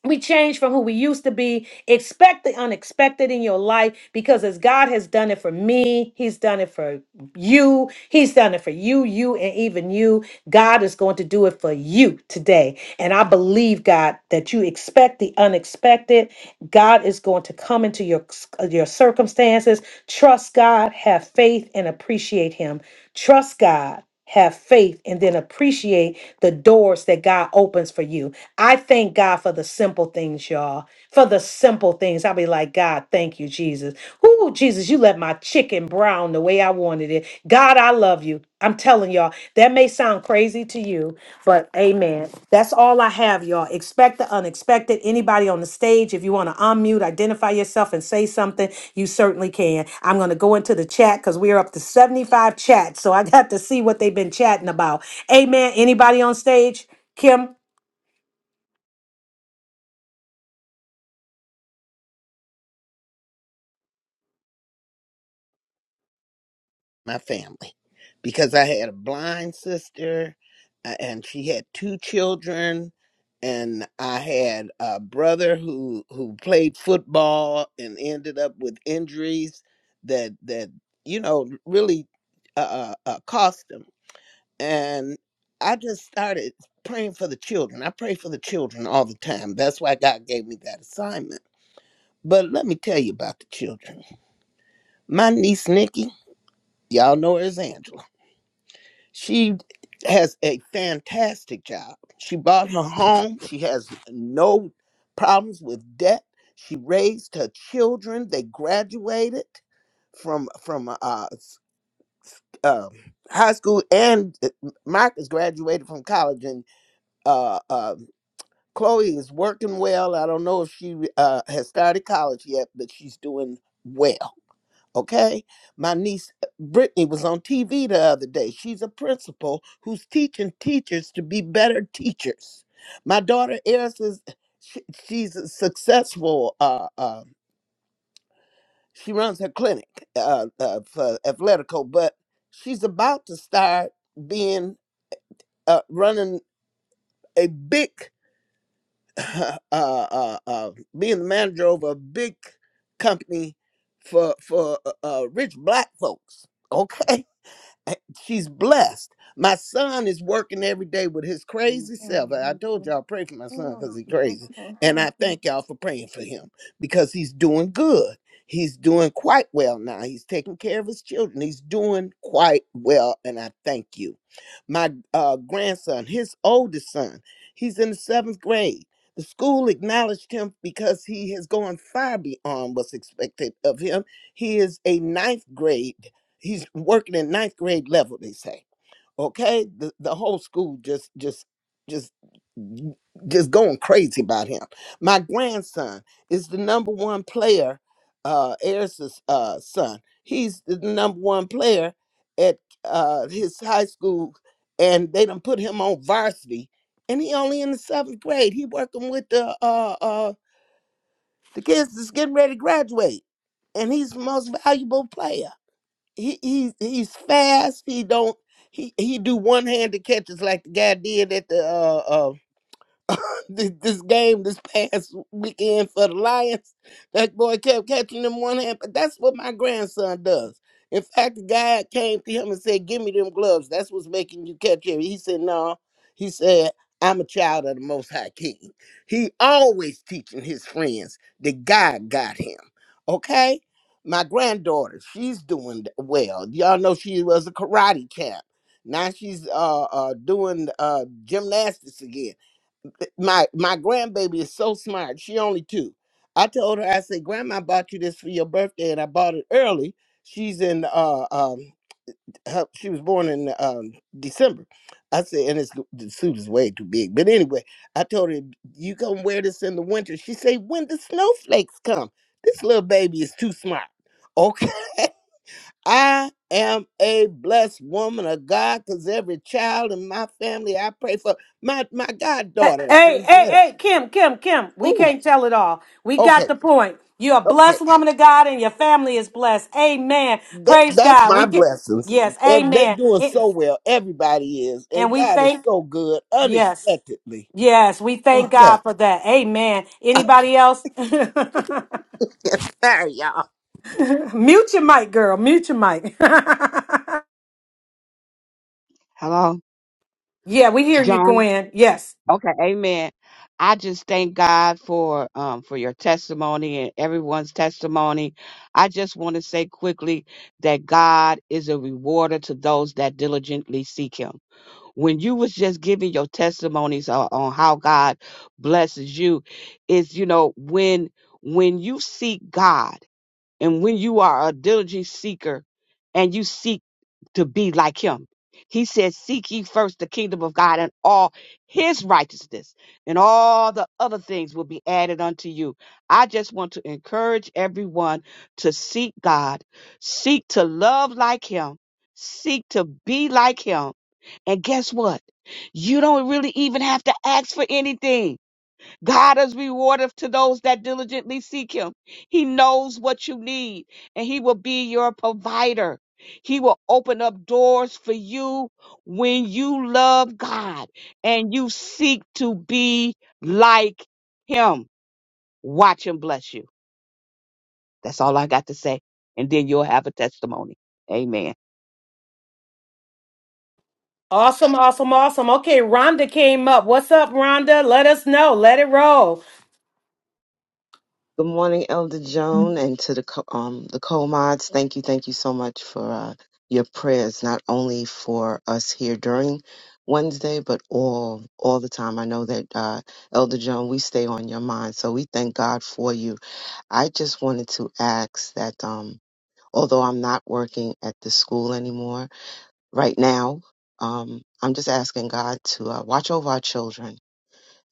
we change from who we used to be. Expect the unexpected in your life because as God has done it for me, He's done it for you, He's done it for you, you, and even you. God is going to do it for you today. And I believe, God, that you expect the unexpected. God is going to come into your, your circumstances. Trust God, have faith, and appreciate Him. Trust God, have faith, and then appreciate the doors that God opens for you. I thank God for the simple things, y'all. For the simple things. I'll be like, God, thank you, Jesus. Ooh, Jesus, you let my chicken brown the way I wanted it. God, I love you. I'm telling y'all, that may sound sound crazy to you, but amen. That's all I have, y'all. Expect the unexpected. Anybody on the stage, if you want to unmute, identify yourself, and say something, you certainly can. I'm going to go into the chat because we are up to 75 chats. So I got to see what they've been chatting about. Amen. Anybody on stage? Kim?
My family. Because I had a blind sister a- and she had two children. And I had a brother who who played football and ended up with injuries that that you know really uh, uh, uh, cost him. and I just started praying for the children. I pray for the children all the time. That's why God gave me that assignment. But let me tell you about the children. My niece Nikki, y'all know her as Angela. She has a fantastic job. She bought her home. She has no problems with debt. She raised her children. They graduated from from uh, s- uh, high school, and uh, Marcus graduated from college, and uh, um, Chloe is working well. I don't know if she uh, has started college yet, but she's doing well. Okay. My niece uh, Brittany was on TV the other day. She's a principal who's teaching teachers to be better teachers. My daughter Eris is she, she's a successful. Uh, uh, she runs her clinic uh, uh, for Athletico, but she's about to start being uh, running a big uh, uh, uh, being the manager over a big company for for uh, uh, rich black folks. Okay, eh, she's blessed. My son is working every day with his crazy self. I I told y'all pray for my son because he's crazy, and I thank y'all for praying for him because he's doing good. He's doing quite well now. He's taking care of his children. He's doing quite well, and I thank you. My uh, grandson, his oldest son, he's in the seventh grade. The school acknowledged him because he has gone far beyond what's expected of him. He is a ninth grade He's working in ninth grade level, they say. Okay? The the whole school just just just just going crazy about him. My grandson is the number one player, uh Eris's uh son. He's the number one player at uh his high school and they done put him on varsity and he only in the seventh grade. He working with the uh uh the kids that's getting ready to graduate. And he's the most valuable player he he's he's fast. He don't he he do one handed catches like the guy did at the uh, uh, this, this game this past weekend for the Lions. That boy kept catching them one hand, but that's what my grandson does. In fact, the guy came to him and said, "Give me them gloves. That's what's making you catch him." He said, "No." He said, "I'm a child of the Most High King." He always teaching his friends that God got him. Okay. My granddaughter, she's doing well. Y'all know she was a karate champ. Now she's uh, uh doing uh gymnastics again my my grandbaby is so smart. She only two. I told her, I said, Grandma bought you this for your birthday, and I bought it early. She's in uh um her, she was born in um December. I said, and it's the suit is way too big. But anyway, I told her you gonna wear this in the winter. She said, when the snowflakes come, this little baby is too smart. Okay. I am a blessed woman of God because every child in my family I pray for, my my
Hey,
goddaughter,
hey, hey,
Angetta.
hey, Kim, Kim, Kim, we
Ooh,
can't tell it all. We got
okay,
the point. You're a
okay.
blessed woman of God and your family is blessed. Amen.
They,
Praise
that's
God.
my
We can,
blessings.
yes,
If they
amen.
doing so well, everybody is,
And
and
we
God is
thank,
so good
yes,
unexpectedly.
yes, we thank
Okay,
God for that. Amen. Anybody else?
sorry, y'all.
mute your mic, girl. Mute your mic.
Hello,
yeah, we hear you,
John.
Gwen. Yes.
Okay, amen. I just thank God for um for your testimony and everyone's testimony. I just want to say quickly that God is a rewarder to those that diligently seek him. when you was just giving your testimonies on, on how God blesses you is you know when when you seek God and when you are a diligent seeker and you seek to be like him, he said, Seek ye first the kingdom of God and all his righteousness, and all the other things will be added unto you. I just want to encourage everyone to seek God, seek to love like him, seek to be like him. And guess what? You don't really even have to ask for anything. God is rewarded to those that diligently seek him. He knows what you need and he will be your provider. He will open up doors for you when you love God and you seek to be like him. Watch him bless you. That's all I got to say. And then you'll have a testimony. Amen.
Awesome, awesome, awesome. Okay, Rhonda came up. What's up, Rhonda? Let us know. Let it roll.
Good morning, Elder Joan, and to the co- um the co-mods. Thank you, thank you so much for uh, your prayers, not only for us here during Wednesday, but all all the time. I know that uh, Elder Joan, we stay on your mind, so we thank God for you. I just wanted to ask that, um, although I'm not working at the school anymore right now, um, I'm just asking God to uh, watch over our children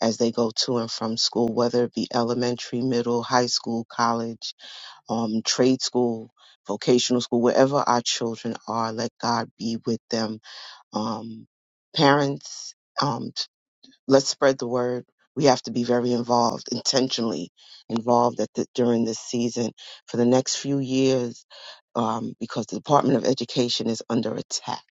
as they go to and from school, whether it be elementary, middle, high school, college um, trade school, vocational school, wherever our children are, let God be with them. Um, parents, um, let's spread the word. We have to be very involved, intentionally involved at the, during this season for the next few years, um, because the Department of Education is under attack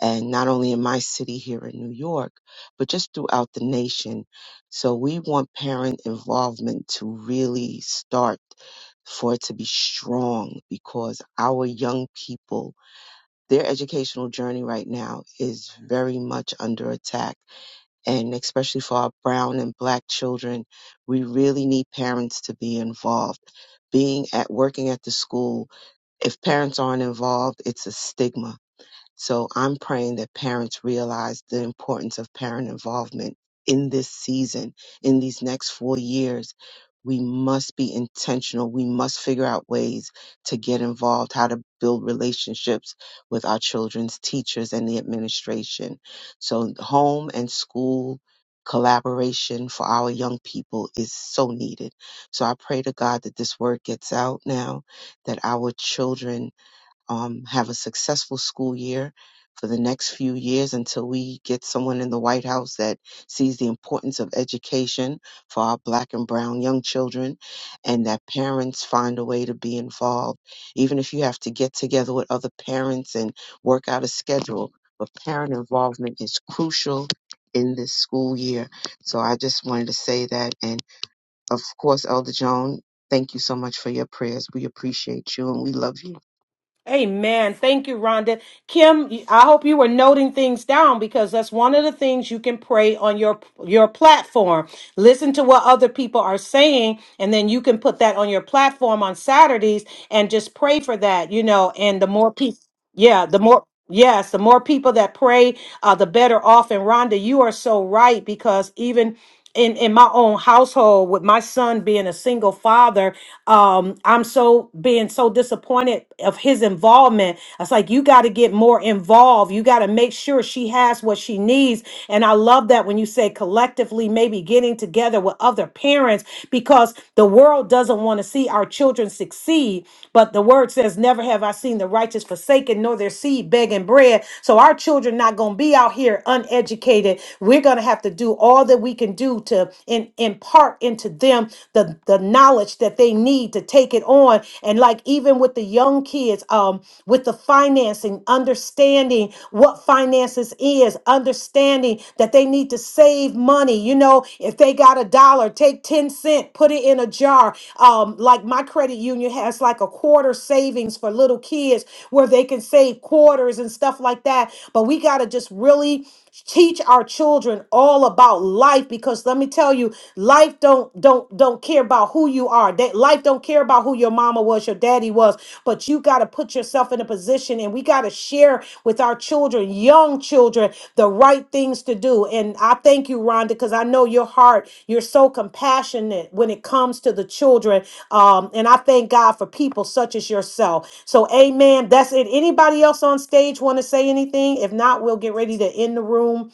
and not only in my city here in New York, but just throughout the nation. So we want parent involvement to really start for it to be strong because our young people, their educational journey right now is very much under attack. And especially for our brown and black children, we really need parents to be involved. Being at working at the school, if parents aren't involved, it's a stigma so I'm praying that parents realize the importance of parent involvement in this season, in these next four years. We must be intentional. We must figure out ways to get involved, how to build relationships with our children's teachers and the administration. So, home and school collaboration for our young people is so needed. So, I pray to God that this word gets out now, that our children um, have a successful school year for the next few years until we get someone in the White House that sees the importance of education for our black and brown young children and that parents find a way to be involved. Even if you have to get together with other parents and work out a schedule, but parent involvement is crucial in this school year. So I just wanted to say that. And of course, Elder Joan, thank you so much for your prayers. We appreciate you and we love you.
Amen. Thank you, Rhonda. Kim, I hope you were noting things down because that's one of the things you can pray on your your platform. Listen to what other people are saying, and then you can put that on your platform on Saturdays and just pray for that, you know. And the more people, yeah, the more yes, the more people that pray uh, the better off. And Rhonda, you are so right because even in, in my own household with my son being a single father um i'm so being so disappointed of his involvement it's like you got to get more involved you got to make sure she has what she needs and i love that when you say collectively maybe getting together with other parents because the world doesn't want to see our children succeed but the word says never have i seen the righteous forsaken nor their seed begging bread bread. So our children not going to be out here uneducated. We're going to have to do all that we can do to in, impart into them the, the knowledge that they need to take it on. And like even with the young kids, um, with the financing, understanding what finances is, understanding that they need to save money. You know, if they got a dollar, take 10 cent, put it in a jar. Um, like my credit union has like a quarter savings for little kids where they they can save quarters and stuff like that. But we got to just really teach our children all about life because let me tell you life don't don't don't care about who you are that life don't care about who your mama was your daddy was but you got to put yourself in a position and we got to share with our children young children the right things to do and i thank you rhonda because i know your heart you're so compassionate when it comes to the children um, and i thank god for people such as yourself so, amen. That's it. Anybody else on stage want to say anything? If not, we'll get ready to end the room.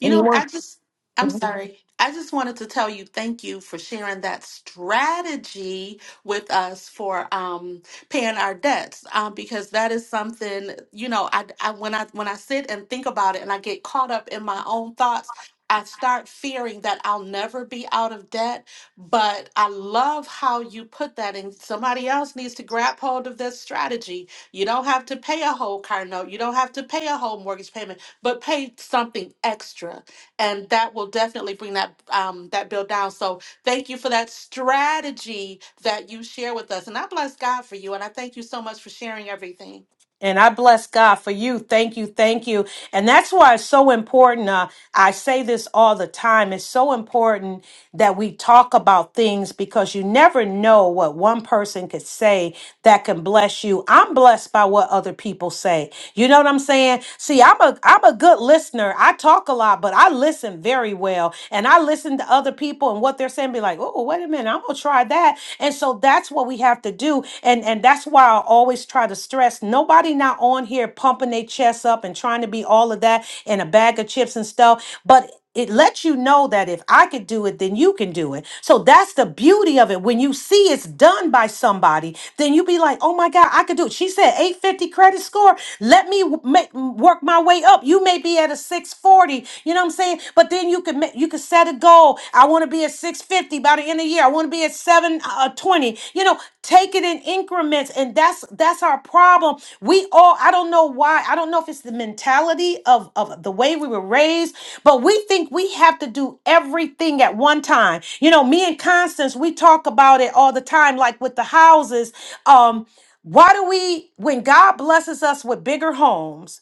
You know,
Anyone?
I just, I'm sorry. I just wanted to tell you thank you for sharing that strategy with us for um, paying our debts um, because that is something you know. I, I when I when I sit and think about it and I get caught up in my own thoughts, I start fearing that I'll never be out of debt. But I love how you put that, and somebody else needs to grab hold of this strategy. You don't have to pay a whole car note. You don't have to pay a whole mortgage payment but pay something extra, and that will definitely bring that um, that bill down. So thank you for that strategy that you share with us, and I bless God for you, and I thank you so much for sharing everything.
And I bless God for you. Thank you. Thank you. And that's why it's so important. Uh, I say this all the time. It's so important that we talk about things because you never know what one person could say that can bless you. I'm blessed by what other people say. You know what I'm saying? See, I'm a I'm a good listener. I talk a lot, but I listen very well. And I listen to other people and what they're saying, be like, oh, wait a minute, I'm gonna try that. And so that's what we have to do and and that's why I always try to stress nobody not on here pumping their chest up and trying to be all of that and a bag of chips and stuff, but it lets you know that if I could do it, then you can do it. So that's the beauty of it. When you see it's done by somebody, then you be like, "Oh my God, I could do it." She said 850 credit score. Let me w- make, work my way up. You may be at a 640. You know what I'm saying? But then you could ma- you could set a goal. I want to be at 650 by the end of the year. I want to be at 720. You know, take it in increments and that's that's our problem. We all I don't know why. I don't know if it's the mentality of of the way we were raised, but we think we have to do everything at one time. You know, me and Constance, we talk about it all the time like with the houses um why do we when god blesses us with bigger homes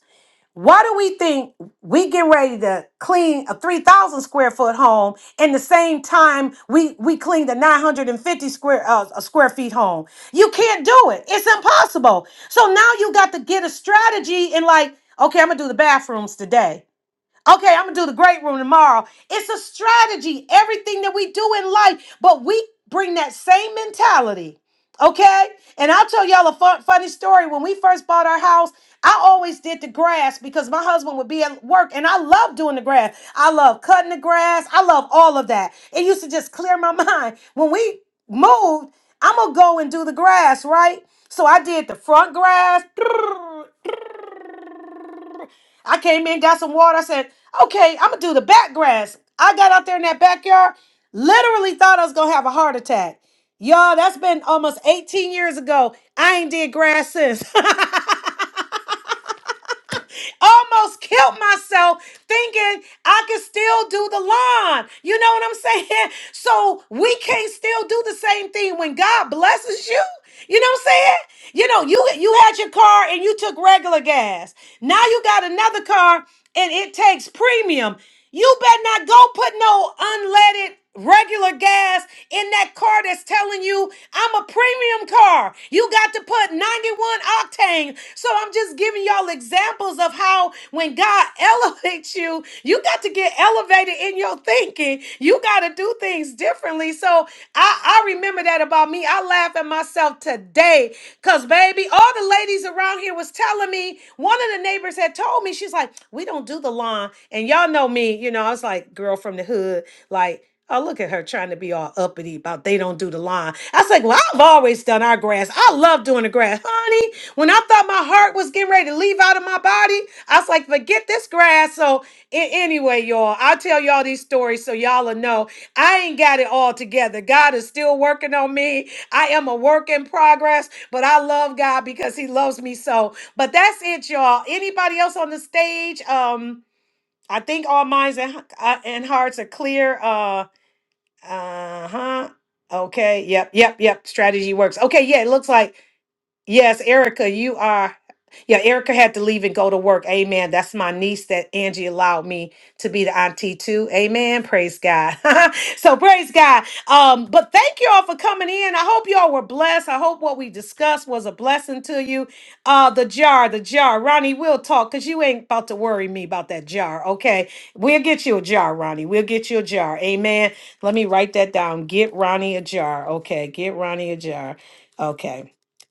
why do we think we get ready to clean a 3,000 square foot home in the same time we, we clean the 950 square, uh, a square feet home? You can't do it. It's impossible. So now you got to get a strategy and like, okay, I'm going to do the bathrooms today. Okay, I'm gonna do the great room tomorrow. It's a strategy, everything that we do in life, but we bring that same mentality. Okay, and I'll tell y'all a fun, funny story. When we first bought our house, I always did the grass because my husband would be at work, and I love doing the grass. I love cutting the grass. I love all of that. It used to just clear my mind. When we moved, I'm gonna go and do the grass, right? So I did the front grass, I came in, got some water. I said, okay, I'm gonna do the back grass. I got out there in that backyard, literally thought I was gonna have a heart attack. Y'all, that's been almost 18 years ago. I ain't did grass since. almost killed myself thinking I could still do the lawn. You know what I'm saying? So we can't still do the same thing when God blesses you. You know what I'm saying? You know, you you had your car and you took regular gas. Now you got another car and it takes premium. You better not go put no unleaded regular gas in that car that's telling you I'm a premium car. You got to put 91 octane. So I'm just giving y'all examples of how when God elevates you, you got to get elevated in your thinking. You got to do things things differently. So I, I remember that about me. I laugh at myself today. Cause baby, all the ladies around here was telling me, one of the neighbors had told me, she's like, we don't do the lawn. And y'all know me, you know, I was like, girl from the hood, like, Oh, look at her trying to be all uppity about they don't do the lawn. I was like, well, I've always done our grass. I love doing the grass. Honey, when I thought my heart was getting ready to leave out of my body, I was like, forget this grass. So a- anyway, y'all, I'll tell y'all these stories so y'all will know. I ain't got it all together. God is still working on me. I am a work in progress, but I love God because He loves me so. But that's it, y'all. Anybody else on the stage? Um, I think all minds and, uh, and hearts are clear. Uh, uh huh. Okay. Yep. Yep. Yep. Strategy works. Okay. Yeah. It looks like. Yes, Erica, you are. Yeah, Erica had to leave and go to work. Amen. That's my niece that Angie allowed me to be the auntie to. Amen. Praise God. so praise God. Um, but thank you all for coming in. I hope you all were blessed. I hope what we discussed was a blessing to you. Uh, the jar, the jar. Ronnie, we'll talk because you ain't about to worry me about that jar. Okay. We'll get you a jar, Ronnie. We'll get you a jar. Amen. Let me write that down. Get Ronnie a jar. Okay. Get Ronnie a jar. Okay.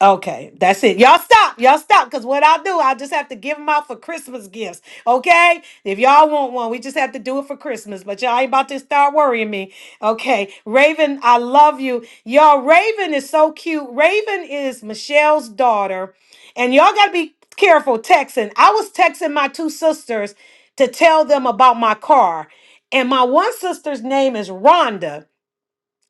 Okay, that's it. Y'all stop. Y'all stop. Because what I'll do, I'll just have to give them out for Christmas gifts. Okay? If y'all want one, we just have to do it for Christmas. But y'all ain't about to start worrying me. Okay. Raven, I love you. Y'all, Raven is so cute. Raven is Michelle's daughter. And y'all got to be careful texting. I was texting my two sisters to tell them about my car. And my one sister's name is Rhonda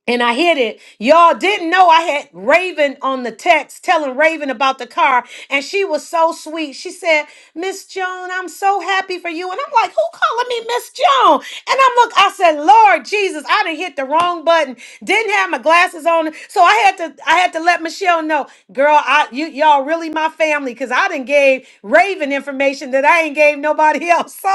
and I hit it. Y'all didn't know I had Raven on the text telling Raven about the car, and she was so sweet. She said, Miss Joan, I'm so happy for you. And I'm like, who calling me Miss Joan? And I'm look, I said, Lord Jesus, I didn't hit the wrong button. Didn't have my glasses on. So I had to I had to let Michelle know, girl, I you y'all really my family, because I didn't gave Raven information that I ain't gave nobody else.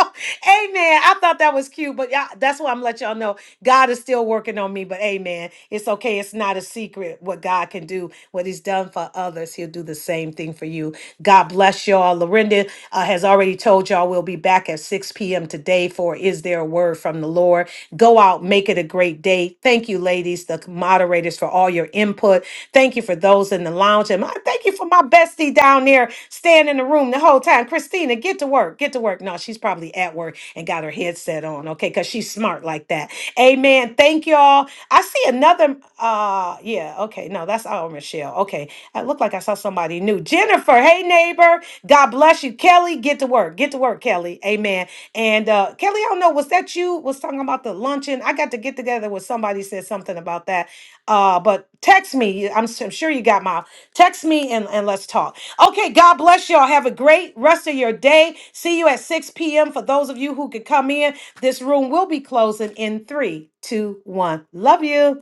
So Amen. I thought that was cute, but yeah, that's why I'm let y'all know God is still working on me. But amen. It's okay. It's not a secret what God can do. What He's done for others, He'll do the same thing for you. God bless y'all. Lorinda uh, has already told y'all we'll be back at 6 p.m. today for Is There a Word from the Lord? Go out, make it a great day. Thank you, ladies, the moderators, for all your input. Thank you for those in the lounge. And I thank you for my bestie down there staying in the room the whole time. Christina, get to work. Get to work. No, she's probably at work and got her headset on, okay? Because she's smart like that. Amen. Thank y'all. I see another. Uh, yeah. Okay. No, that's all, Michelle. Okay. I look like I saw somebody new. Jennifer. Hey, neighbor. God bless you, Kelly. Get to work. Get to work, Kelly. Amen. And uh, Kelly, I don't know. Was that you? Was talking about the luncheon? I got to get together with somebody. Said something about that. Uh, but text me. I'm, s- I'm sure you got my text me and, and let's talk. Okay, God bless y'all. Have a great rest of your day. See you at 6 p.m. For those of you who could come in, this room will be closing in three, two, one. Love you.